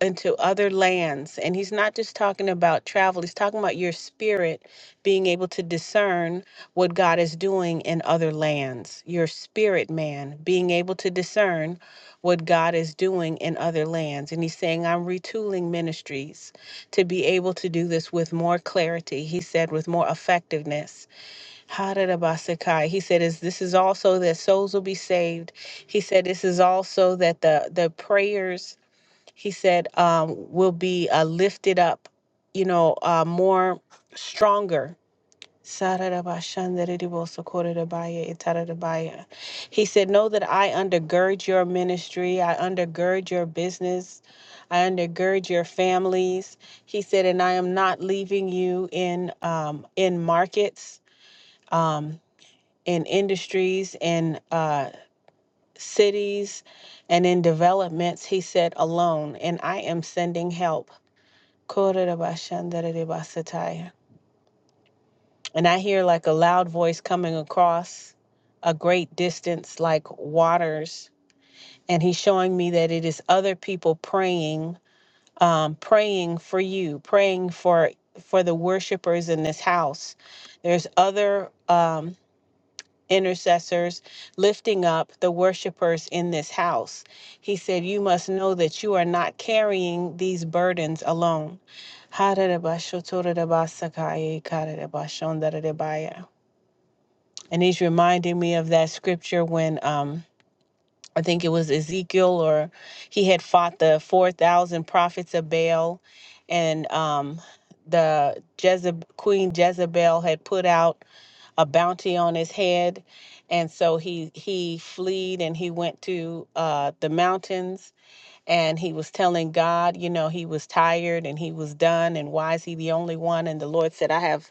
into other lands," and he's not just talking about travel. He's talking about your spirit being able to discern what God is doing in other lands. Your spirit man being able to discern what God is doing in other lands, and he's saying, "I'm retooling ministries to be able to do this with more clarity." He said, "With more effectiveness." Haradabasakai. He said, "Is this is also that souls will be saved." He said, "This is also that the the prayers." He said, um, "Will be uh, lifted up, you know, uh, more stronger." Saradabashandaradibosokoradabaya, itaradabaya. He said, "Know that I undergird your ministry. I undergird your business. I undergird your families." He said, "And I am not leaving you in um, in markets." Um, in industries, in uh, cities, and in developments, he said, alone, and I am sending help. And I hear like a loud voice coming across a great distance, like waters. And he's showing me that it is other people praying, um, praying for you, praying for for the worshipers in this house. There's other um, intercessors, lifting up the worshipers in this house. He said, You must know that you are not carrying these burdens alone. And he's reminding me of that scripture when um I think it was Ezekiel or he had fought the four thousand prophets of Baal and um the Jezeb- Queen Jezebel had put out a bounty on his head and so he he fled and he went to uh the mountains and he was telling god you know he was tired and he was done and why is he the only one and the lord said i have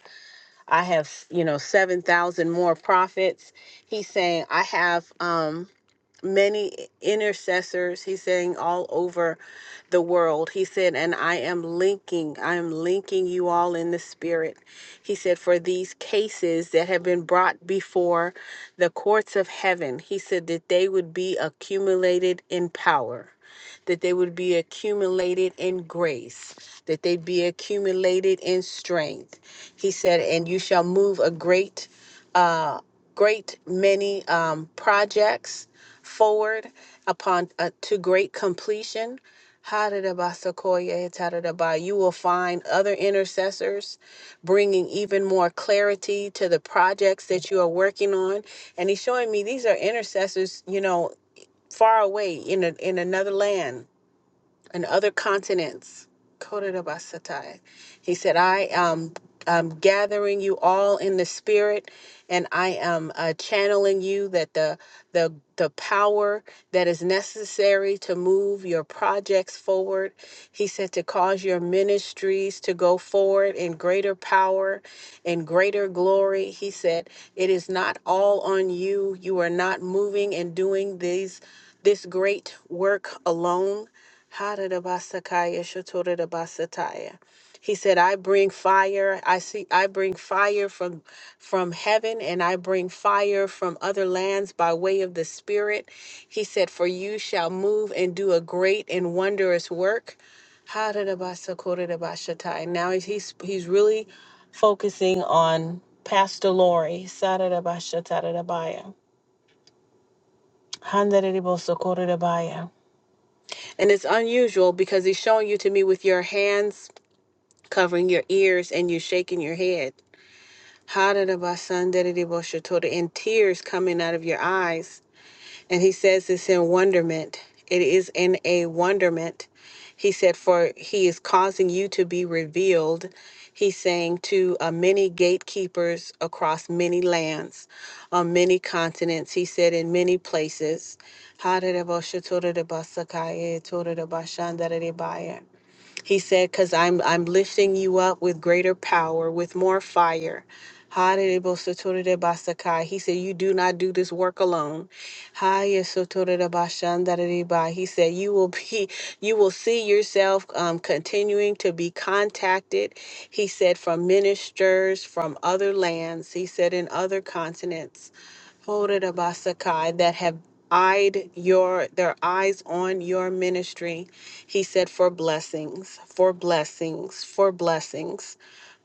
i have you know 7000 more prophets he's saying i have um many intercessors he's saying all over the world he said and i am linking i am linking you all in the spirit he said for these cases that have been brought before the courts of heaven he said that they would be accumulated in power that they would be accumulated in grace that they'd be accumulated in strength he said and you shall move a great uh great many um projects forward upon uh, to great completion. Haridabasakoye taridaba. You will find other intercessors bringing even more clarity to the projects that you are working on. And he's showing me these are intercessors, you know, far away in a, in another land and other continents. Kododabasatai. He said, I am um, gathering you all in the spirit, and I am uh, channeling you that the, the, the power that is necessary to move your projects forward. He said, to cause your ministries to go forward in greater power, in greater glory. He said, it is not all on you. You are not moving and doing these this great work alone. Haradabasakaya shotoradabasataya. He said, I bring fire. I see I bring fire from from heaven and I bring fire from other lands by way of the Spirit. He said, For you shall move and do a great and wondrous work. Haradabasakoradabashatai. Now he's he's he's really focusing on Pastor Lori. Saradabashatadabaya. Handaradibosakoradabaya. And it's unusual because he's showing you to me with your hands covering your ears and you shaking your head. Hadadabasandadadiboshatora, And tears coming out of your eyes. And he says this in wonderment. It is in a wonderment. He said, For he is causing you to be revealed. He's saying to uh, many gatekeepers across many lands, on many continents. He said, In many places. He said, "Cause I'm I'm lifting you up with greater power, with more fire." Ha-de-de-bo-so-to-de-de-ba-sa-kai. He said, "You do not do this work alone." Ha-ye-so-to-de-de-ba-shan-da-de-de-ba. He said, "You will be, you will see yourself um, continuing to be contacted." He said, "From ministers from other lands." He said, "In other continents." Ho-de-de-ba-sa-kai, That have eyed your their eyes on your ministry he said, for blessings, for blessings, for blessings.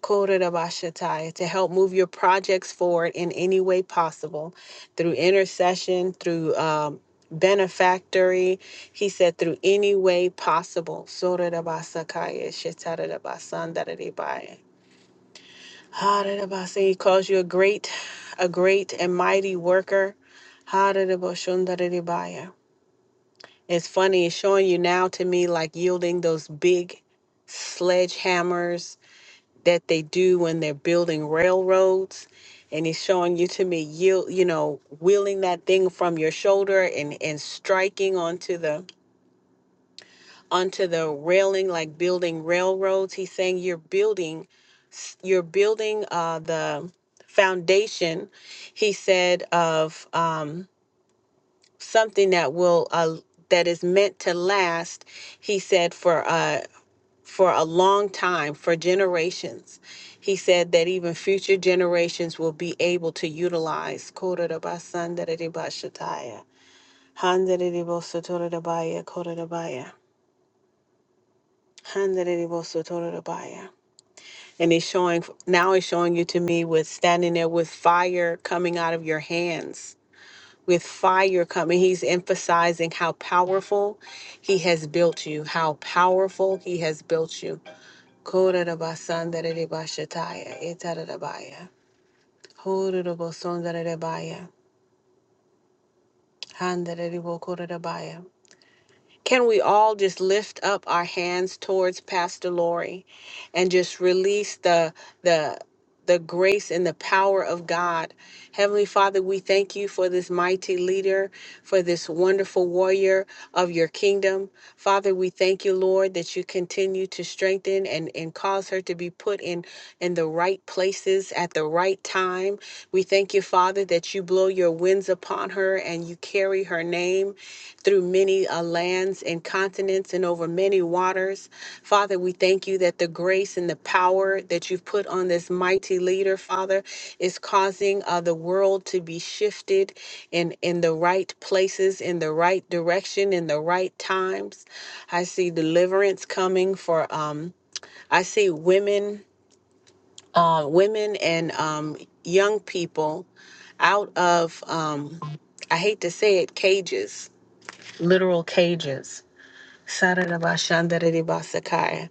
Korerabashatai, To help move your projects forward in any way possible through intercession, through um, benefactory. He said, through any way possible. Sorerabasakaya, shetarabasandarabaya. Harerabasa, He calls you a great, a great and mighty worker. Harerabashundarabaya. It's funny, it's showing you now to me like yielding those big sledgehammers that they do when they're building railroads. And it's showing you to me yield, you know, wheeling that thing from your shoulder and, and striking onto the onto the railing like building railroads. He's saying you're building s- you're building uh, the foundation, he said, of um, something that will uh, that is meant to last he said for uh for a long time for generations he said that even future generations will be able to utilize Kodarabasandaratabashataya, Handarabosotorabaya, Kodarabaya, Handarabosotorabaya. and he's showing now he's showing you to me with standing there with fire coming out of your hands with fire coming. He's emphasizing how powerful he has built you, how powerful he has built you. Kororobasandararebashataya, etararabaya, hororobosondararabaya, handararebokororobaya. Can we all just lift up our hands towards Pastor Lori and just release the the the grace and the power of God. Heavenly Father, we thank you for this mighty leader, for this wonderful warrior of your kingdom. Father, we thank you, Lord, that you continue to strengthen and, and cause her to be put in, in the right places at the right time. We thank you, Father, that you blow your winds upon her and you carry her name through many uh, lands and continents and over many waters. Father, we thank you that the grace and the power that you've put on this mighty leader, Father, is causing uh, the world to be shifted in, in the right places, in the right direction, in the right times. I see deliverance coming for, um, I see women, uh, women and um, young people out of, um, I hate to say it, cages, literal cages Sarabashandaribasakaya,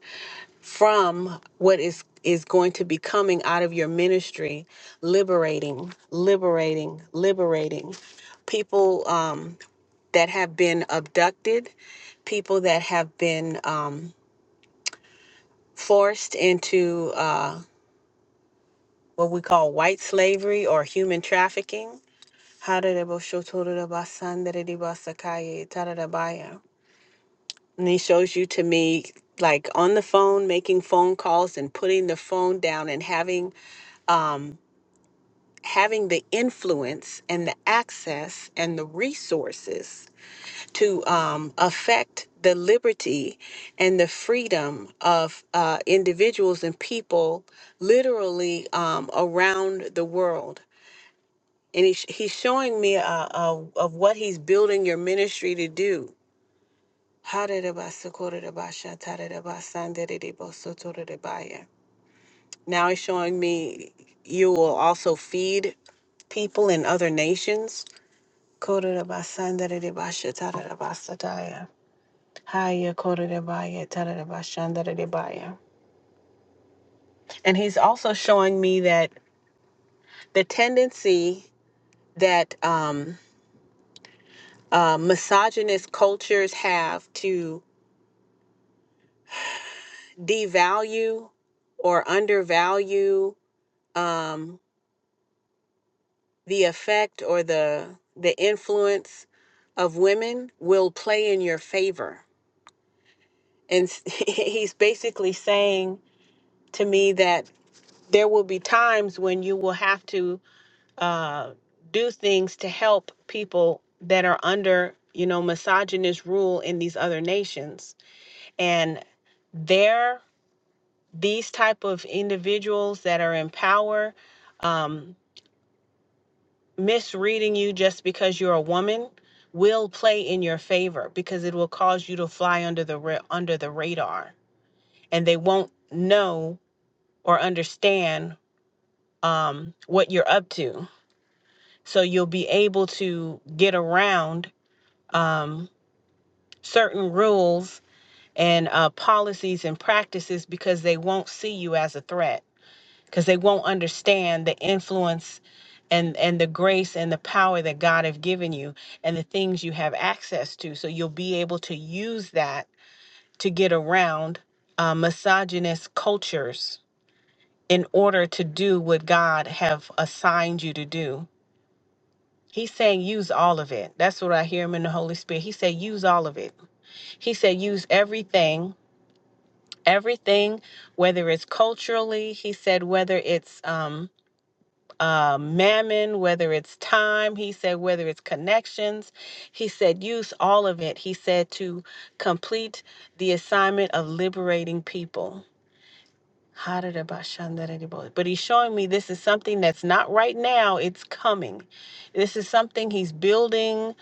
from what is is going to be coming out of your ministry liberating liberating liberating people um, that have been abducted people that have been um, forced into uh, what we call white slavery or human trafficking Hararabashotorabashandaribasakaya tararabaya. And he shows you to me like on the phone, making phone calls and putting the phone down and having um having the influence and the access and the resources to um, affect the liberty and the freedom of uh, individuals and people literally um, around the world. And he, he's showing me uh, uh, of what he's building your ministry to do Harirabasakoridabash- Now he's showing me you will also feed people in other nations. Koridabasandaridibasha tarirabasataya. Haya koridabaya tarirabashandaridibaya. And he's also showing me that the tendency that um, uh, misogynist cultures have to devalue or undervalue um, the effect or the the influence of women will play in your favor and s- he's basically saying to me that there will be times when you will have to uh, do things to help people that are under you know misogynist rule in these other nations and there these type of individuals that are in power um, misreading you just because you're a woman will play in your favor because it will cause you to fly under the ra- under the radar and they won't know or understand um, what you're up to so you'll be able to get around um, certain rules and uh, policies and practices because they won't see you as a threat because they won't understand the influence and and the grace and the power that God have given you and the things you have access to. So you'll be able to use that to get around uh, misogynist cultures in order to do what God have assigned you to do. He's saying use all of it. That's what I hear him in the Holy Spirit. He said use all of it. He said use everything, everything, whether it's culturally. He said whether it's um, uh, mammon, whether it's time, he said, whether it's connections, he said, use all of it. He said to complete the assignment of liberating people. But he's showing me this is something that's not right now, it's coming. This is something he's building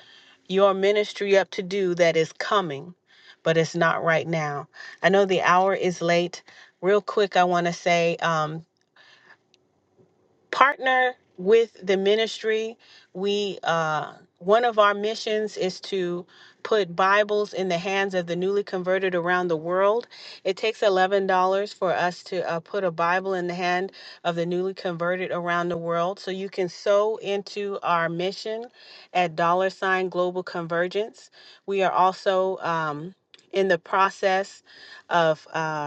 your ministry up to do that is coming, but it's not right now. I know the hour is late. Real quick, I want to say um, partner with the ministry. We uh, one of our missions is to put Bibles in the hands of the newly converted around the world. It takes eleven dollars for us to uh, put a Bible in the hand of the newly converted around the world. So you can sow into our mission at dollar sign global convergence. We are also um, in the process of uh,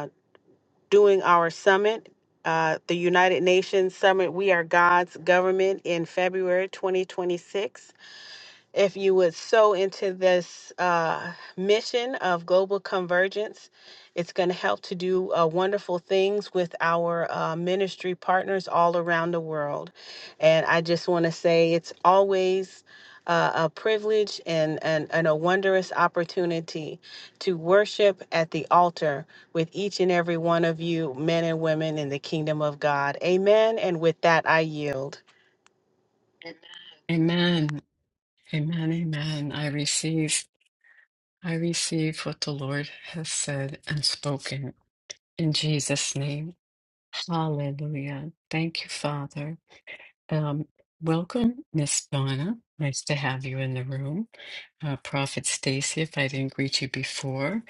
doing our summit, uh, the United Nations Summit, We Are God's Government in February 2026 if you would sow into this uh, mission of global convergence, it's going to help to do uh, wonderful things with our uh, ministry partners all around the world. And I just want to say it's always uh, a privilege and, and, and a wondrous opportunity to worship at the altar with each and every one of you, men and women in the kingdom of God. Amen. And with that, I yield.
Amen. Amen. Amen. I receive. I receive what the Lord has said and spoken. In Jesus' name. Hallelujah. Thank you, Father. Um, welcome, Miss Donna. Nice to have you in the room. Uh, Prophet Stacy, if I didn't greet you before,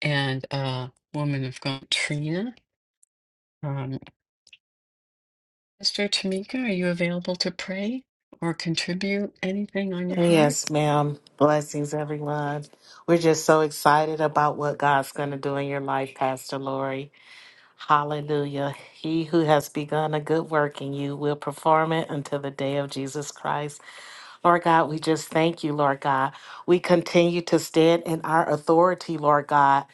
and uh, woman of God, Trina. Um, Sister Tamika, are you available to pray or contribute anything on your heart?
Yes, ma'am. Blessings, everyone. We're just so excited about what God's going to do in your life, Pastor Lori. Hallelujah. He who has begun a good work in you will perform it until the day of Jesus Christ. Lord God, we just thank you, Lord God. We continue to stand in our authority, Lord God.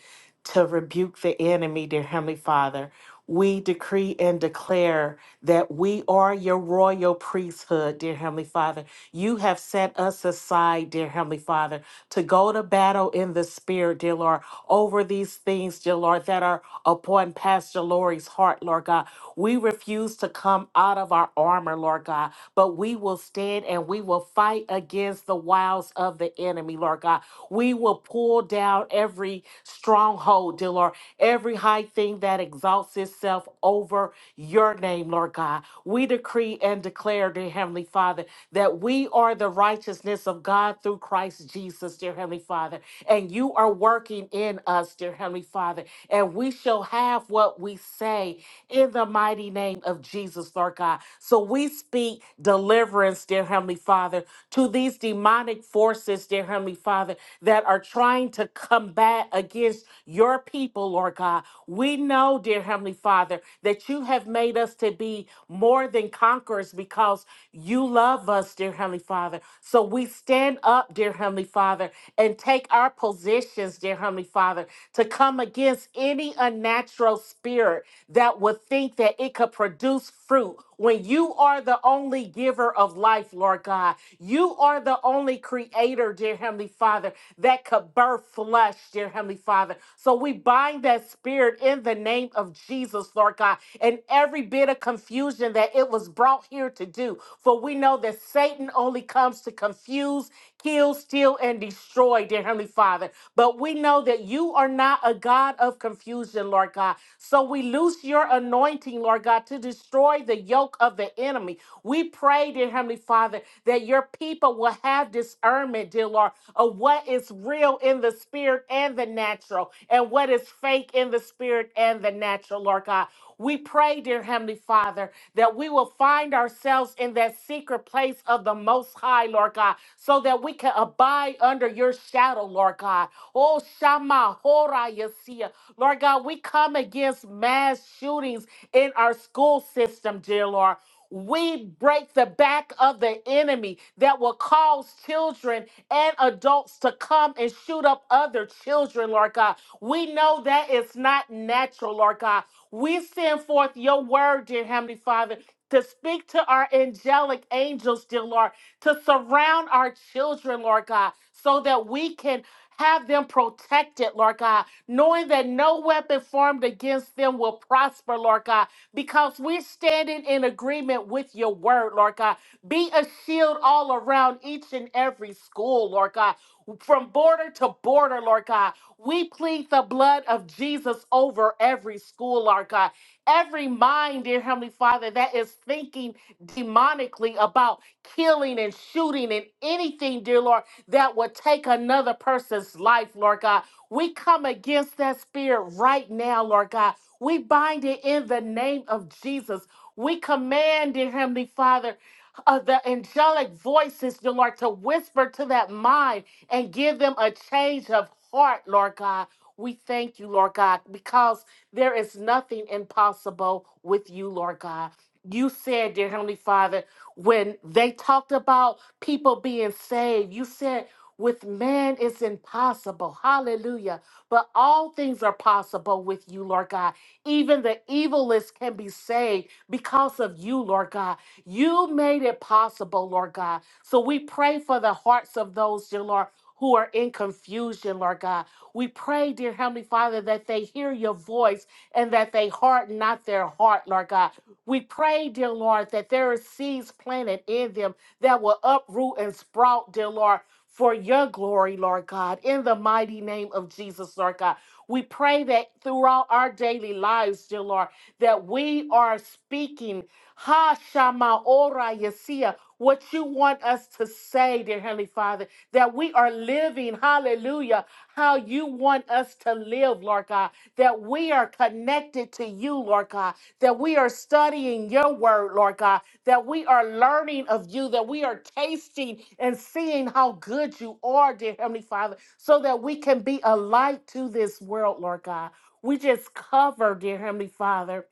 to rebuke the enemy, dear Heavenly Father. We decree and declare that we are your royal priesthood, dear Heavenly Father. You have set us aside, dear Heavenly Father, to go to battle in the spirit, dear Lord, over these things, dear Lord, that are upon Pastor Lori's heart, Lord God. We refuse to come out of our armor, Lord God, but we will stand and we will fight against the wiles wiles of the enemy, Lord God. We will pull down every stronghold, dear Lord, every high thing that exalts itself over your name, Lord God. We decree and declare, dear Heavenly Father, that we are the righteousness of God through Christ Jesus, dear Heavenly Father, and you are working in us, dear Heavenly Father, and we shall have what we say in the mighty name of Jesus, Lord God. So we speak deliverance, dear Heavenly Father, to these demonic forces, dear Heavenly Father, that are trying to combat against your people, Lord God. We know, dear Heavenly Father, that you have made us to be more than conquerors because you love us, dear Heavenly Father. So we stand up, dear Heavenly Father, and take our positions, dear Heavenly Father, to come against any unnatural spirit that would think that it could produce fruit when you are the only giver of life, Lord God, you are the only creator, dear Heavenly Father, that could birth flesh, dear Heavenly Father. So we bind that spirit in the name of Jesus, Lord God, and every bit of confusion that it was brought here to do. For we know that Satan only comes to confuse, kill, steal, and destroy, dear Heavenly Father. But we know that you are are not a God of confusion, Lord God. So we loose your anointing, Lord God, to destroy the yoke of the enemy. We pray, dear Heavenly Father, that your people will have discernment, dear Lord, of what is real in the spirit and the natural, and what is fake in the spirit and the natural, Lord God. We pray, dear Heavenly Father, that we will find ourselves in that secret place of the Most High, Lord God, so that we can abide under your shadow, Lord God. Oh, Shama, Hora, Yasia. Lord God, we come against mass shootings in our school system, dear Lord. We break the back of the enemy that will cause children and adults to come and shoot up other children, Lord God. We know that it's not natural, Lord God. We send forth your word, dear Heavenly Father, to speak to our angelic angels, dear Lord, to surround our children, Lord God, so that we can have them protected, Lord God, knowing that no weapon formed against them will prosper, Lord God, because we're standing in agreement with your word, Lord God. Be a shield all around each and every school, Lord God, from border to border, Lord God. We plead the blood of Jesus over every school, Lord God. Every mind, dear Heavenly Father, that is thinking demonically about killing and shooting and anything, dear Lord, that would take another person's life, Lord God. We come against that spirit right now, Lord God. We bind it in the name of Jesus. We command, dear Heavenly Father, uh, the angelic voices, dear Lord, to whisper to that mind and give them a change of heart, Lord God. We thank you, Lord God, because there is nothing impossible with you, Lord God. You said, dear Heavenly Father, when they talked about people being saved, you said, with man it's impossible. Hallelujah. But all things are possible with you, Lord God. Even the evilest can be saved because of you, Lord God. You made it possible, Lord God. So we pray for the hearts of those, dear Lord who are in confusion, Lord God. We pray, dear Heavenly Father, that they hear your voice and that they harden not their heart, Lord God. We pray, dear Lord, that there are seeds planted in them that will uproot and sprout, dear Lord, for your glory, Lord God, in the mighty name of Jesus, Lord God. We pray that throughout our daily lives, dear Lord, that we are speaking, Ha Shama Ora Yesia, what you want us to say, dear Heavenly Father that we are living, hallelujah, how you want us to live, Lord God, that we are connected to you, Lord God, that we are studying your word, Lord God, that we are learning of you, that we are tasting and seeing how good you are, dear Heavenly Father, so that we can be a light to this world, Lord God. We just cover, dear Heavenly Father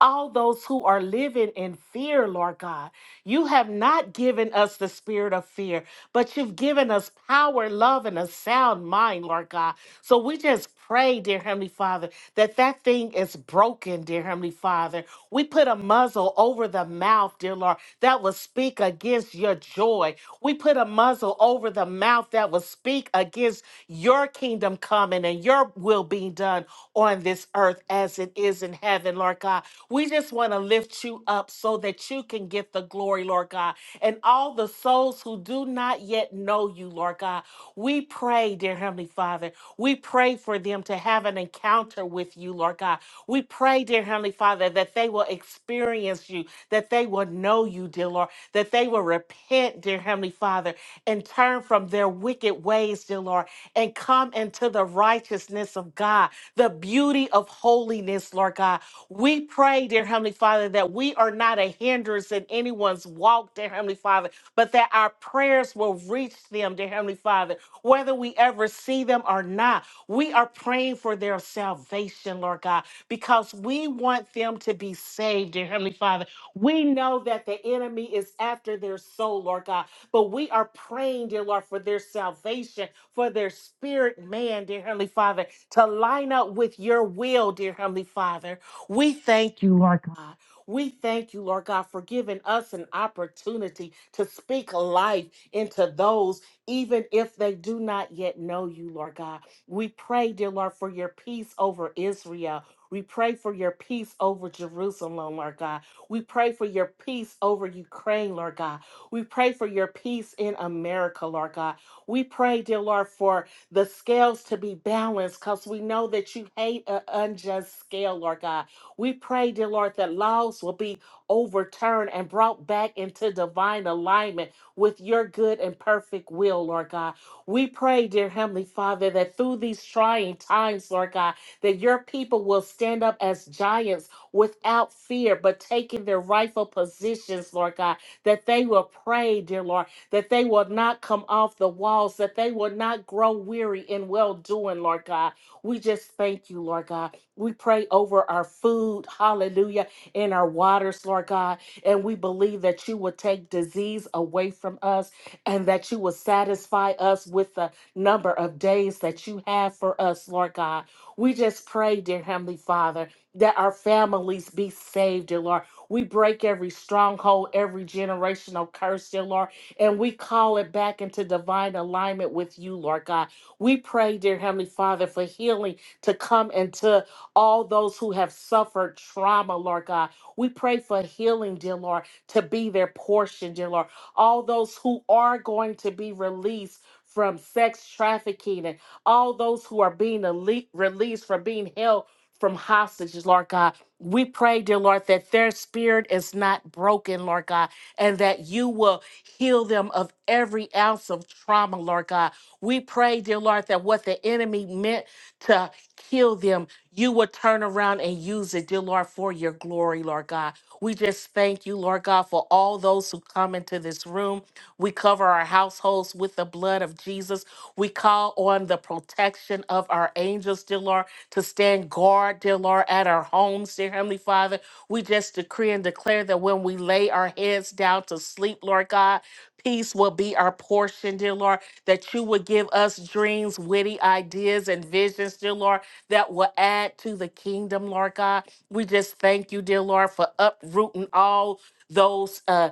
all those who are living in fear, Lord God. You have not given us the spirit of fear, but you've given us power, love, and a sound mind, Lord God. So we just pray, dear Heavenly Father, that that thing is broken, dear Heavenly Father. We put a muzzle over the mouth, dear Lord, that will speak against your joy. We put a muzzle over the mouth that will speak against your kingdom coming and your will being done done on this earth as it is in heaven, Lord God. We just want to lift you up so that you can get the glory, Lord God. And all the souls who do not yet know you, Lord God, we pray, dear Heavenly Father, we pray for them to have an encounter with you, Lord God. We pray, dear Heavenly Father, that they will experience you, that they will know you, dear Lord, that they will repent, dear Heavenly Father, and turn from their wicked ways, dear Lord dear Lord, and come into the righteousness of God, the beauty of holiness, Lord God. We pray, dear Heavenly Father, that we are not a hindrance in anyone's walk, dear Heavenly Father, but that our prayers will reach them, dear Heavenly Father, whether we ever see them or not. We are praying for their salvation, Lord God, because we want them to be saved, dear Heavenly Father. We know that the enemy is after their soul, Lord God. But we are praying, dear Lord, for their salvation, for their spirit, man, dear Heavenly Father, to line up with your will, dear Heavenly Father. We thank you, Lord God. We thank you, Lord God, for giving us an opportunity to speak life into those, even if they do not yet know you, Lord God. We pray, dear Lord, for your peace over Israel. We pray for your peace over Jerusalem, Lord God. We pray for your peace over Ukraine, Lord God. We pray for your peace in America, Lord God. We pray, dear Lord, for the scales to be balanced because we know that you hate an unjust scale, Lord God. We pray, dear Lord, that laws will be overturned and brought back into divine alignment with your good and perfect will, Lord God. We pray, dear Heavenly Father, that through these trying times, Lord God, that your people will stand up as giants without fear, but taking their rightful positions, Lord God that they will pray, dear Lord, that they will not come off the walls, that they will not grow weary in well doing, Lord God. We just thank you, Lord God. We pray over our food, hallelujah, and our waters, Lord God. And we believe that you will take disease away from us and that you will satisfy us with the number of days that you have for us, Lord God. We just pray, dear Heavenly Father, that our families be saved, dear Lord we break every stronghold, every generational curse, dear Lord, and we call it back into divine alignment with you, Lord God. We pray, dear Heavenly Father, for healing to come into all those who have suffered trauma, Lord God. We pray for healing, dear Lord, to be their portion, dear Lord. All those who are going to be released from sex trafficking and all those who are being elite, released from being held from hostages, Lord God. We pray, dear Lord, that their spirit is not broken, Lord God, and that you will heal them of every ounce of trauma, Lord God. We pray, dear Lord, that what the enemy meant to kill them, you will turn around and use it, dear Lord, for your glory, Lord God. We just thank you, Lord God, for all those who come into this room. We cover our households with the blood of Jesus. We call on the protection of our angels, dear Lord to stand guard, dear Lord, at our homes, dear Heavenly Father. We just decree and declare that when we lay our heads down to sleep, Lord God, peace will be our portion, dear Lord, that you would give us dreams, witty ideas, and visions, dear Lord, that will add to the kingdom, Lord God. We just thank you, dear Lord, for uprooting all those uh,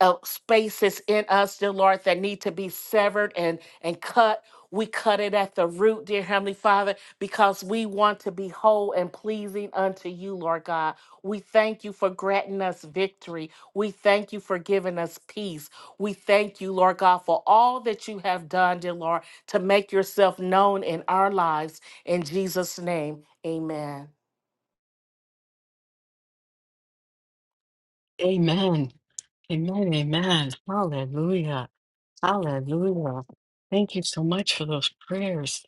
uh, spaces in us, dear Lord, that need to be severed and, and cut. We cut it at the root, dear Heavenly Father, because we want to be whole and pleasing unto you, Lord God. We thank you for granting us victory. We thank you for giving us peace. We thank you, Lord God, for all that you have done, dear Lord, to make yourself known in our lives. In Jesus' name, amen.
Amen. Amen, amen. Hallelujah. Hallelujah. Thank you so much for those prayers.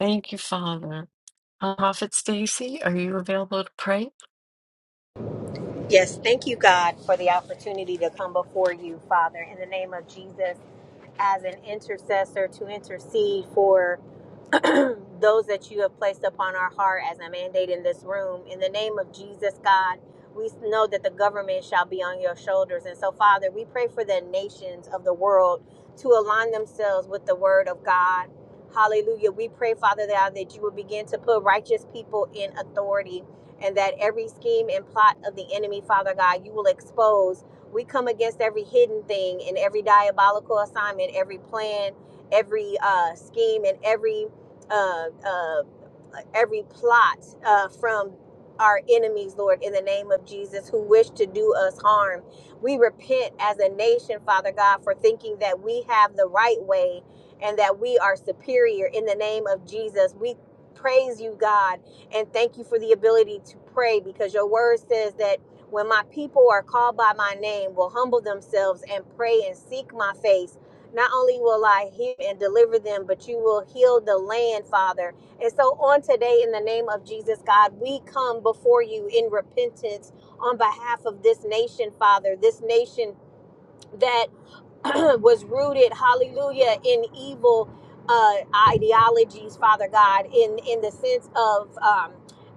Thank you, Father. Prophet Stacy, are you available to pray?
Yes, thank you, God, for the opportunity to come before you, Father, in the name of Jesus, as an intercessor to intercede for those that you have placed upon our heart as a mandate in this room. In the name of Jesus, God, we know that the government shall be on your shoulders. And so, Father, we pray for the nations of the world to align themselves with the word of God. Hallelujah. We pray, Father, that, uh, that you will begin to put righteous people in authority and that every scheme and plot of the enemy, Father God, you will expose. We come against every hidden thing and every diabolical assignment, every plan, every uh, scheme, and every uh. um, every plot uh, from our enemies, Lord, in the name of Jesus, who wish to do us harm. We repent as a nation, Father God, for thinking that we have the right way and that we are superior in the name of Jesus. We praise you, God, and thank you for the ability to pray because your word says that when my people are called by my name, will humble themselves and pray and seek my face. Not only will I hear and deliver them, but you will heal the land, Father. And so on today, in the name of Jesus, God, we come before you in repentance on behalf of this nation, Father, this nation. that. was rooted, hallelujah, in evil uh, ideologies, Father God, in, in the sense of um,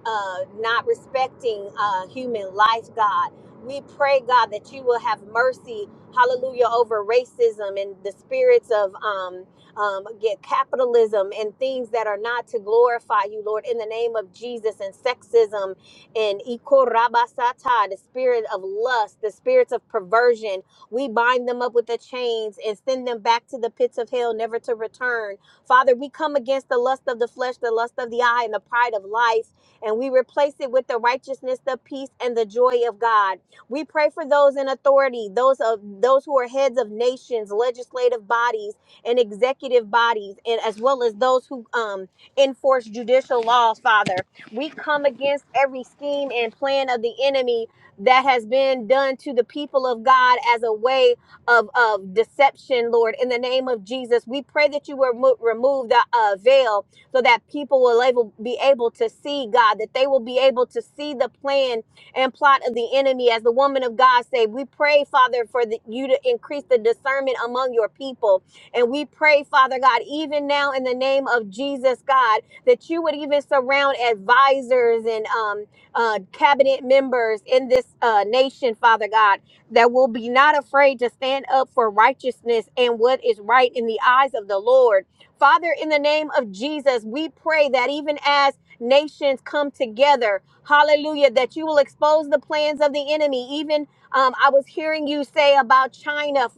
uh, not respecting uh, human life, God. We pray, God, that you will have mercy, hallelujah, over racism and the spirits of um, um, get capitalism and things that are not to glorify you, Lord, in the name of Jesus and sexism and ikorabasata, the spirit of lust, the spirits of perversion, we bind them up with the chains and send them back to the pits of hell, never to return. Father, we come against the lust of the flesh, the lust of the eye, and the pride of life, and we replace it with the righteousness, the peace, and the joy of God. We pray for those in authority, those of those who are heads of nations, legislative bodies, and executive bodies, and as well as those who um, enforce judicial laws. Father, we come against every scheme and plan of the enemy that has been done to the people of God as a way of, of deception, Lord. In the name of Jesus, we pray that you will remo- remove the uh, veil so that people will able, be able to see God, that they will be able to see the plan and plot of the enemy. As the woman of God said, we pray, Father, for the, you to increase the discernment among your people. And we pray, Father God, even now in the name of Jesus, God, that you would even surround advisors and um, uh, cabinet members in this uh, nation, Father God, that will be not afraid to stand up for righteousness and what is right in the eyes of the Lord. Father, in the name of Jesus, we pray that even as nations come together, hallelujah, that you will expose the plans of the enemy. Even um, I was hearing you say about China,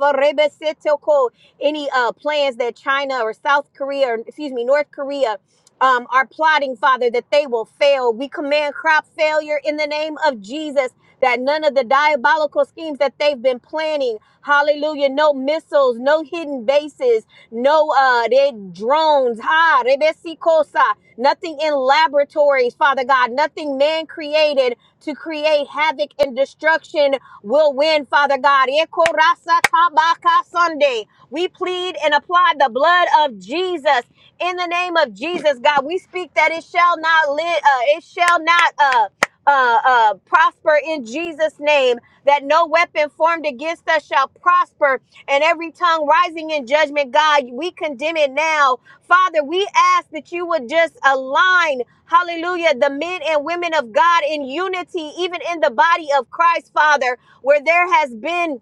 any uh, plans that China or South Korea, or excuse me, North Korea um, are plotting, Father, that they will fail. We command crop failure in the name of Jesus, that none of the diabolical schemes that they've been planning, hallelujah, no missiles, no hidden bases, no uh, they drones, ha, rebesikosa, nothing in laboratories, Father God, nothing man created to create havoc and destruction will win, Father God. Ekorasa tabaka Sunday. We plead and apply the blood of Jesus in the name of Jesus, God. We speak that it shall not live, uh, it shall not uh, uh, uh, prosper in Jesus' name. That no weapon formed against us shall prosper, and every tongue rising in judgment, God, we condemn it now. Father, we ask that you would just align, hallelujah, the men and women of God in unity, even in the body of Christ, Father, where there has been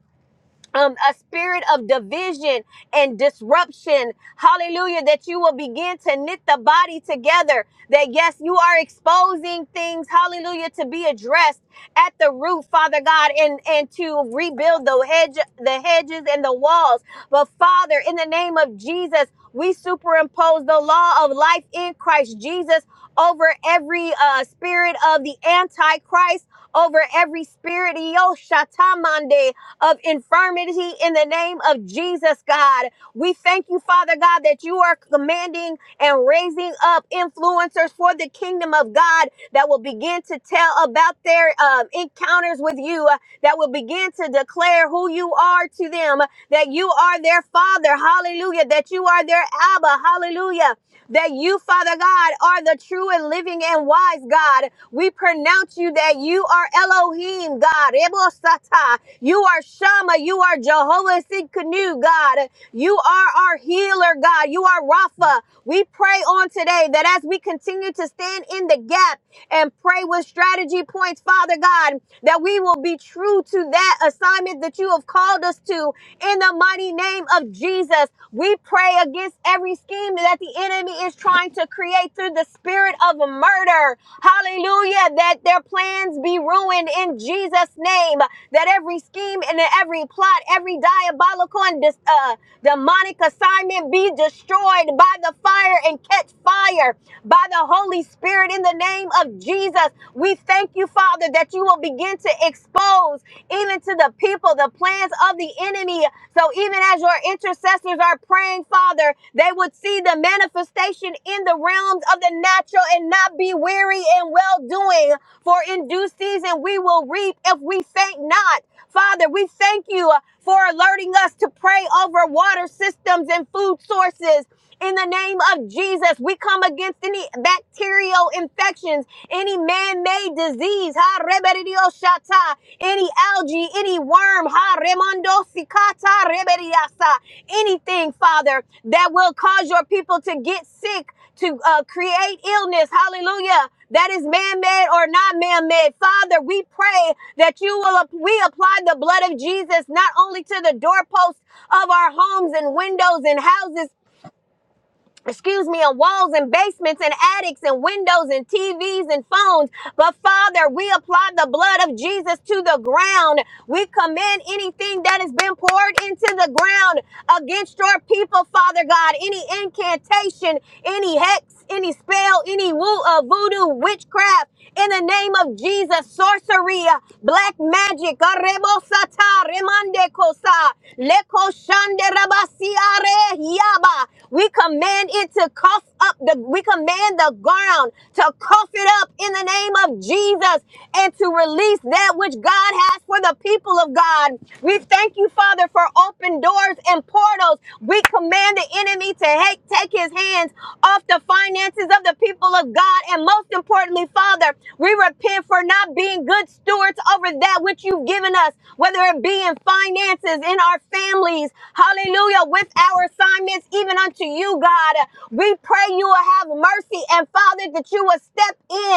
um, a spirit of division and disruption. Hallelujah. That you will begin to knit the body together. That yes, you are exposing things, hallelujah, to be addressed at the root, Father God, and, and to rebuild the hedge, the hedges and the walls. But Father, in the name of Jesus, we superimpose the law of life in Christ Jesus over every uh, spirit of the Antichrist, over every spirit, Yo, Shatamande, of infirmity in the name of Jesus, God. We thank you, Father God, that you are commanding and raising up influencers for the kingdom of God that will begin to tell about their um, encounters with you, uh, that will begin to declare who you are to them, that you are their Father. Hallelujah. That you are their Abba. Hallelujah that you, Father God, are the true and living and wise God. We pronounce you that you are Elohim, God. Ebo Sata. You are Shama. You are Jehovah Sidkenu, God. You are our healer, God. You are Rapha. We pray on today that as we continue to stand in the gap and pray with strategy points, Father God, that we will be true to that assignment that you have called us to in the mighty name of Jesus, we pray against every scheme that the enemy is trying to create through the spirit of murder. Hallelujah. That their plans be ruined in Jesus' name. That every scheme and every plot, every diabolical and dis- uh, Demonic assignment be destroyed by the fire and catch fire by the Holy Spirit in the name of Jesus. We thank you, Father, that you will begin to expose even to the people the plans of the enemy. So even as your intercessors are praying, Father, they would see the manifestation in the realms of the natural and and not be weary in well doing, for in due season we will reap if we faint not. Father, we thank you for alerting us to pray over water systems and food sources. In the name of Jesus, we come against any bacterial infections, any man-made disease, ha reberidio shata, any algae, any worm, ha remando sikata reberiasa, anything, Father, that will cause your people to get sick to uh, create illness. Hallelujah. That is man-made or not man-made. Father, we pray that you will, ap- we apply the blood of Jesus not only to the doorposts of our homes and windows and houses, excuse me, and walls and basements and attics and windows and TVs and phones, but Father, we apply the blood of Jesus to the ground. We command anything that has been poured into the ground against your people, Father God, any incantation, any hex, curse, any spell, any woo, uh, voodoo, witchcraft, in the name of Jesus, sorcery, uh, black magic, arrebosata, remande kosa, yaba. We command it to cough up the, we command the ground to cough it up in the name of Jesus and to release that which God has for the people of God. We thank you, Father, for open doors and portals. We command the enemy to ha- take his hands off the finances finances of the people of God. And most importantly, Father, we repent for not being good stewards over that which you've given us, whether it be in finances, in our families, hallelujah, with our assignments, even unto you, God. We pray you will have mercy and, Father, that you will step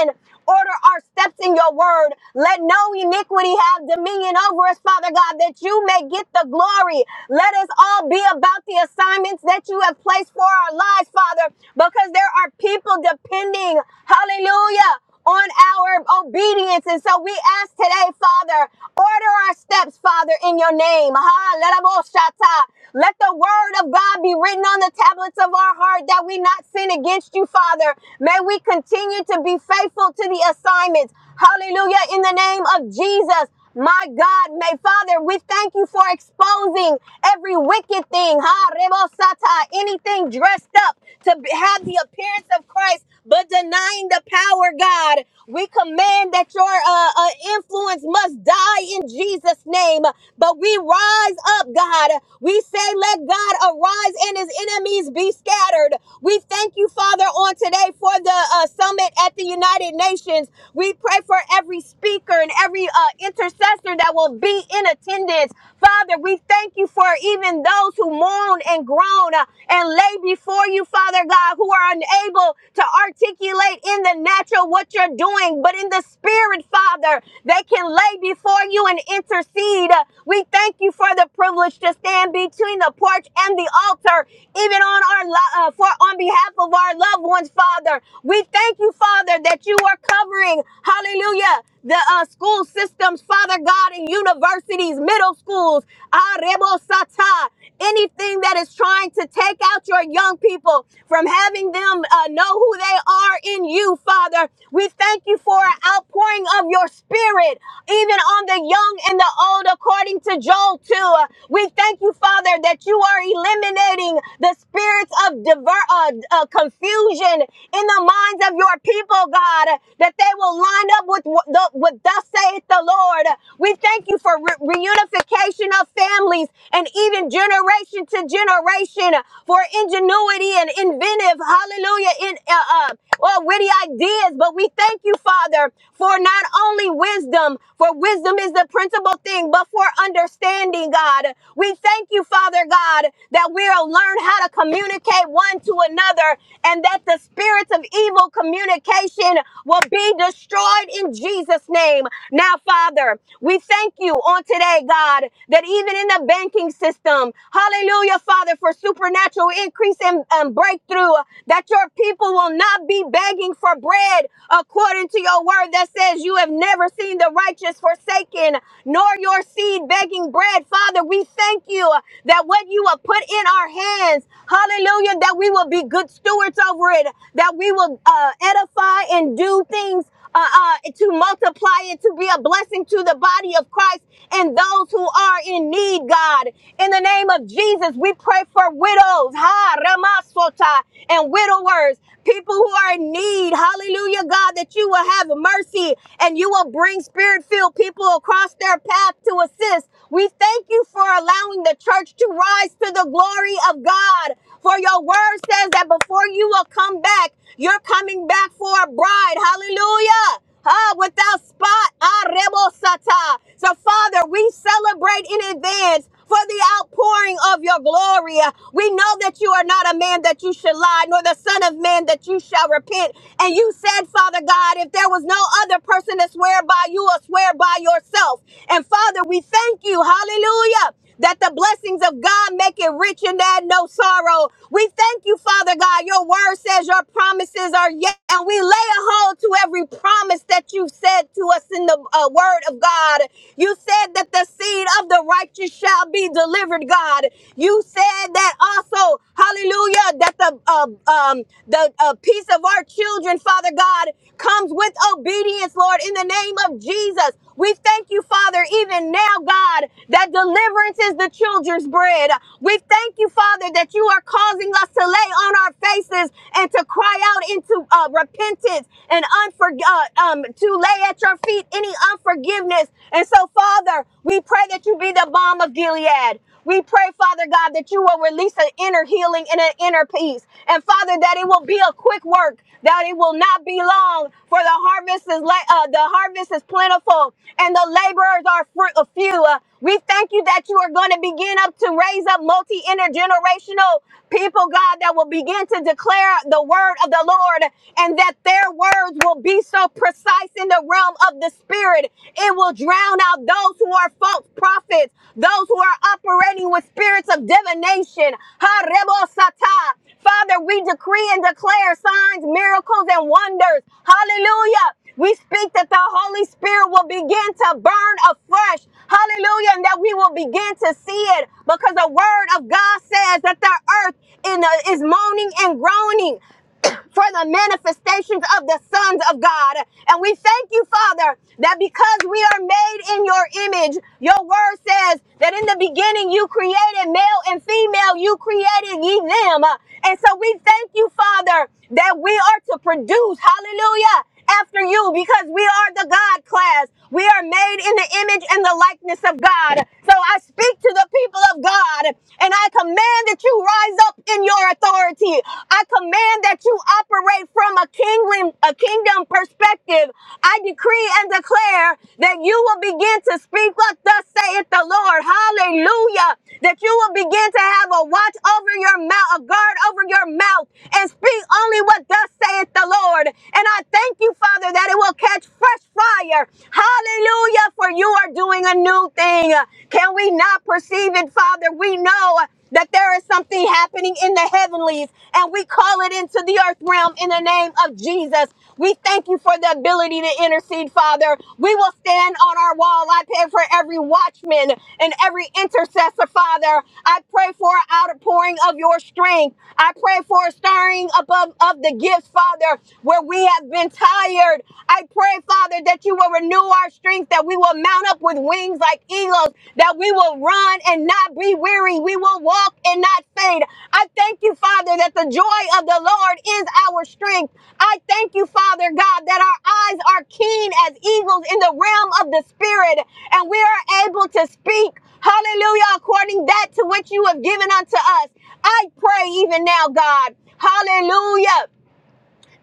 in Order our steps in your word. Let no iniquity have dominion over us, Father God, that you may get the glory. Let us all be about the assignments that you have placed for our lives, Father, because there are people depending, hallelujah, on our obedience. And so we ask today, Father, order our steps, Father, in your name. Ha, lerabo-shata. Let the word of God be written on the tablets of our heart that we not sin against you, Father. May we continue continue to be faithful to the assignments. Hallelujah. In the name of Jesus. My God, may Father, we thank you for exposing every wicked thing, ha, rebosata, anything dressed up to have the appearance of Christ, but denying the power, God. We command that your uh, uh, influence must die in Jesus' name. But we rise up, God. We say, let God arise and his enemies be scattered. We thank you, Father, on today for the uh, summit at the United Nations. We pray for every speaker and every uh, intercessor that will be in attendance. Father, we thank you for even those who moan and groan uh, and lay before you, Father God, who are unable to articulate in the natural what you're they're doing, but in the spirit, Father, they can lay before you and intercede. We thank you for the privilege to stand between the porch and the altar, even on our lo- uh, for on behalf of our loved ones, Father. We thank you, Father, that you are covering, hallelujah, the uh, school systems, Father God, and universities, middle schools, ah, rebo sata, anything that is trying to take out your young people from having them uh, know who they are in you, Father. We thank you for an outpouring of your spirit, even on the young and the old, according to Joel 2. Uh, We thank you, Father, that you are eliminating the spirits of diver- uh, uh, confusion in the minds of your people, God, that that they will line up with what the, what thus saith the Lord. We thank you for re- reunification of families and even generation to generation for ingenuity and inventive, hallelujah, in uh, uh, well, witty ideas. But we thank you, Father, for not only wisdom, for wisdom is the principal thing, but for understanding, God. We thank you, Father God, that we'll learn how to communicate one to another and that the spirits of evil communication will be destroyed in Jesus' name. Now, Father, we thank you on today, God, that even in the banking system, hallelujah, Father, for supernatural increase and, and breakthrough, that your people will not be begging for bread according to your word that says you have never seen the righteous forsaken, nor your seed begging bread. Father, we thank you that what you have put in our hands, hallelujah, that we will be good stewards over over it, that we will uh, edify and do things uh, uh, to multiply it, to be a blessing to the body of Christ and those who are in need, God. In the name of Jesus, we pray for widows, ha, ramasota, and widowers, people who are in need, hallelujah, God, that you will have mercy and you will bring spirit filled people across their path to assist. We thank you for allowing the church to rise to the glory of God. For your word says that before you will come back, you're coming back for a bride. Hallelujah. Ah, without spot. Ah, rebosata. So, Father, we celebrate in advance for the outpouring of your glory. We know that you are not a man that you should lie, nor the son of man that you shall repent. And you said, Father God, if there was no other person to swear by, you will swear by yourself. And Father, we thank you. Hallelujah that the blessings of God make it rich and add no sorrow. We thank you, Father God. Your word says your promises are yes, and we lay a hold to every promise that you've said to us in the uh, word of God. You said that the seed of the righteous shall be delivered, God. You said that also, hallelujah, that the uh, um, the uh, peace of our children, Father God, comes with obedience, Lord, in the name of Jesus. We thank you, Father, even now, God, that deliverance is the children's bread. We thank you, Father, that you are causing us to lay on our faces and to cry out into uh, repentance and unfor- uh, um, to lay at your feet any unforgiveness. And so, Father, we pray that you be the balm of Gilead. We pray, Father God, that you will release an inner healing and an inner peace. And Father, that it will be a quick work, that it will not be long, for the harvest is la- uh, the harvest is plentiful and the laborers are fr- uh, few. Uh, we thank you that you are going to begin up to raise up multi intergenerational people, God, that will begin to declare the word of the Lord and that their words will be so precise in the realm of the spirit it will drown out those who are false prophets, those who are operating with spirits of divination. Ha rebo sata. Father, we decree and declare signs, miracles, and wonders. Hallelujah. We speak that the Holy Spirit will begin to burn afresh. Hallelujah. And that we will begin to see it because the word of God says that the earth in the, is moaning and groaning for the manifestations of the sons of God. And we thank you, Father, that because we are made in your image, your word says that in the beginning you created male and female, you created ye them. And so we thank you, Father, that we are to produce, hallelujah, after you because we are the God class. We are made in the image and the likeness of God. So I speak to the people of God and I command that you rise up in your authority. I command that you operate from a kingdom, a kingdom perspective. I decree and declare that you will begin to speak what thus saith the Lord. Hallelujah. That you will begin to have a watch over your mouth, a guard over your mouth, and speak only what thus saith the Lord. And I thank you, Father, that it will catch fresh fire. Hallelujah, for you are doing a new thing. Can we not perceive it, Father? We know that there is something happening in the heavenlies, and we call it into the earth realm in the name of Jesus. We thank you for the ability to intercede, Father. We will stand on our wall. I pray for every watchman and every intercessor, Father. I pray for an outpouring of your strength. I pray for a stirring above of the gifts, Father. Father, where we have been tired. I pray, Father, that you will renew our strength, that we will mount up with wings like eagles, that we will run and not be weary. We will walk and not faint. I thank you, Father, that the joy of the Lord is our strength. I thank you, Father God, that our eyes are keen as eagles in the realm of the Spirit, and we are able to speak, hallelujah, according that to which you have given unto us. I pray even now, God, hallelujah.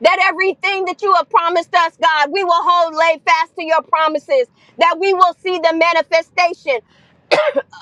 That everything that you have promised us, God, we will hold lay fast to your promises, that we will see the manifestation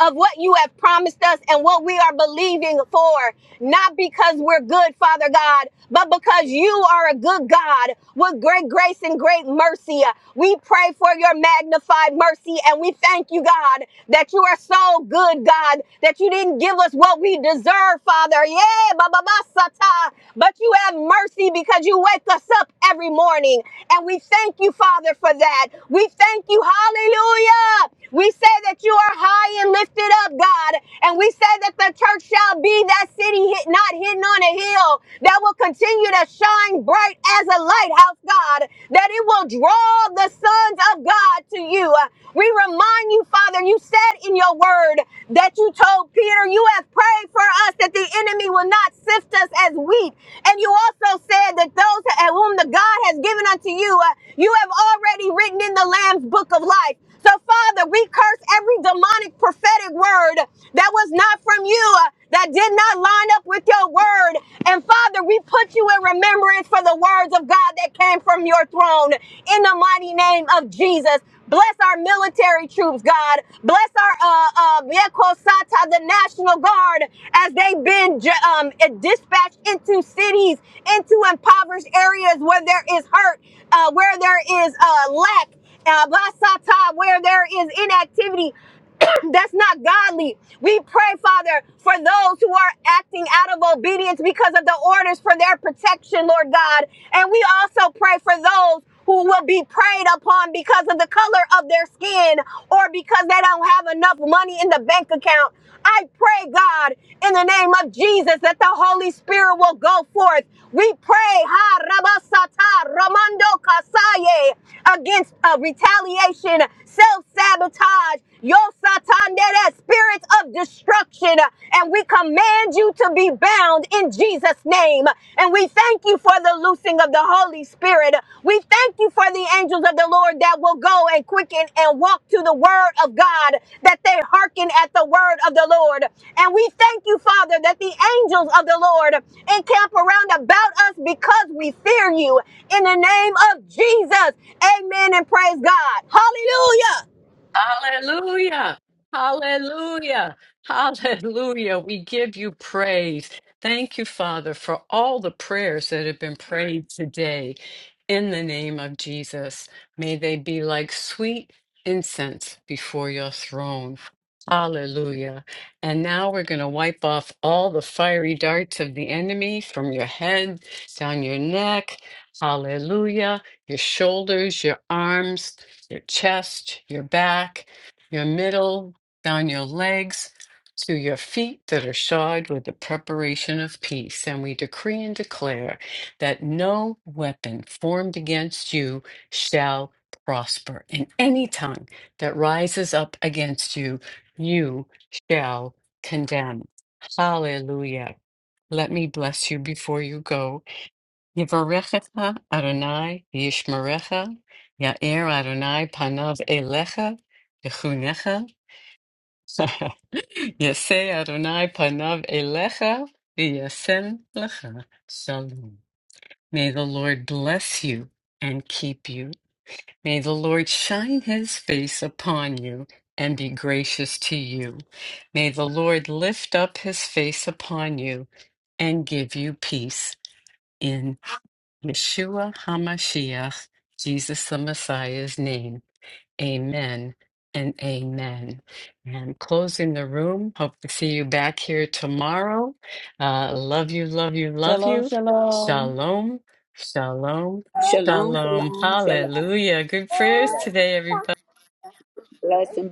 of what you have promised us and what we are believing for, not because we're good, Father God, but because you are a good God with great grace and great mercy. We pray for your magnified mercy and we thank you, God, that you are so good, God, that you didn't give us what we deserve, Father. Yeah, ba, ba, ba, sata. but you have mercy because you wake us up every morning. And we thank you, Father, for that. We thank you, hallelujah. We say that you you are high and lifted up, God. And we say that the church shall be that city hit, not hidden on a hill that will continue to shine bright as a lighthouse, God, that it will draw the sons of God to you. We remind you, Father, you said in your word that you told Peter, you have prayed for us that the enemy will not sift us as wheat. And you also said that those whom the God has given unto you, uh, you have already written in the Lamb's book of life. So, Father, we curse every demonic prophetic word that was not from you, uh, that did not line up with your word. And, Father, we put you in remembrance for the words of God that came from your throne in the mighty name of Jesus. Bless our military troops, God. Bless our uh, uh, Yeko the National Guard, as they've been ju- um, dispatched into cities, into impoverished areas where there is hurt, uh, where there is uh, lack Abasata, where there is inactivity, that's not godly. We pray, Father, for those who are acting out of obedience because of the orders for their protection, Lord God. And we also pray for those who will be preyed upon because of the color of their skin or because they don't have enough money in the bank account. I pray, God, in the name of Jesus, that the Holy Spirit will go forth. We pray, Ha Rabasata Ramando Kasaye against uh, retaliation, self sabotage, yo satan, that spirit of destruction. And we command you to be bound in Jesus' name. And we thank you for the loosing of the Holy Spirit. We thank you for the angels of the Lord that will go and quicken and walk to the word of God, that they hearken at the word of the Lord. And we thank you, Father, that the angels of the Lord encamp around about us because we fear you in the name of Jesus. Amen and praise God. Hallelujah.
Hallelujah. Hallelujah. Hallelujah. We give you praise. Thank you, Father, for all the prayers that have been prayed today in the name of Jesus. May they be like sweet incense before your throne. Hallelujah. And now we're going to wipe off all the fiery darts of the enemy from your head, down your neck. Hallelujah. Your shoulders, your arms your chest, your back, your middle, down your legs to your feet that are shod with the preparation of peace. And we decree and declare that no weapon formed against you shall prosper. And any tongue that rises up against you, you shall condemn. Hallelujah. Let me bless you before you go. Yivarechecha Adonai Yishmerecha Ya'er Adonai Panav Elecha Yechunecha Yaseh Adonai Panav Elecha V'yasem Lecha Shalom. May the Lord bless you and keep you. May the Lord shine his face upon you and be gracious to you. May the Lord lift up his face upon you and give you peace. Yeshua HaMashiach, Jesus the Messiah's name. Amen and amen. And I'm closing the room. Hope to see you back here tomorrow. Uh, love you, love you, love
Shalom,
you.
shalom.
Shalom, shalom,
Shalom,
shalom.
shalom, shalom.
Hallelujah. Good prayers today, everybody.
Blessing.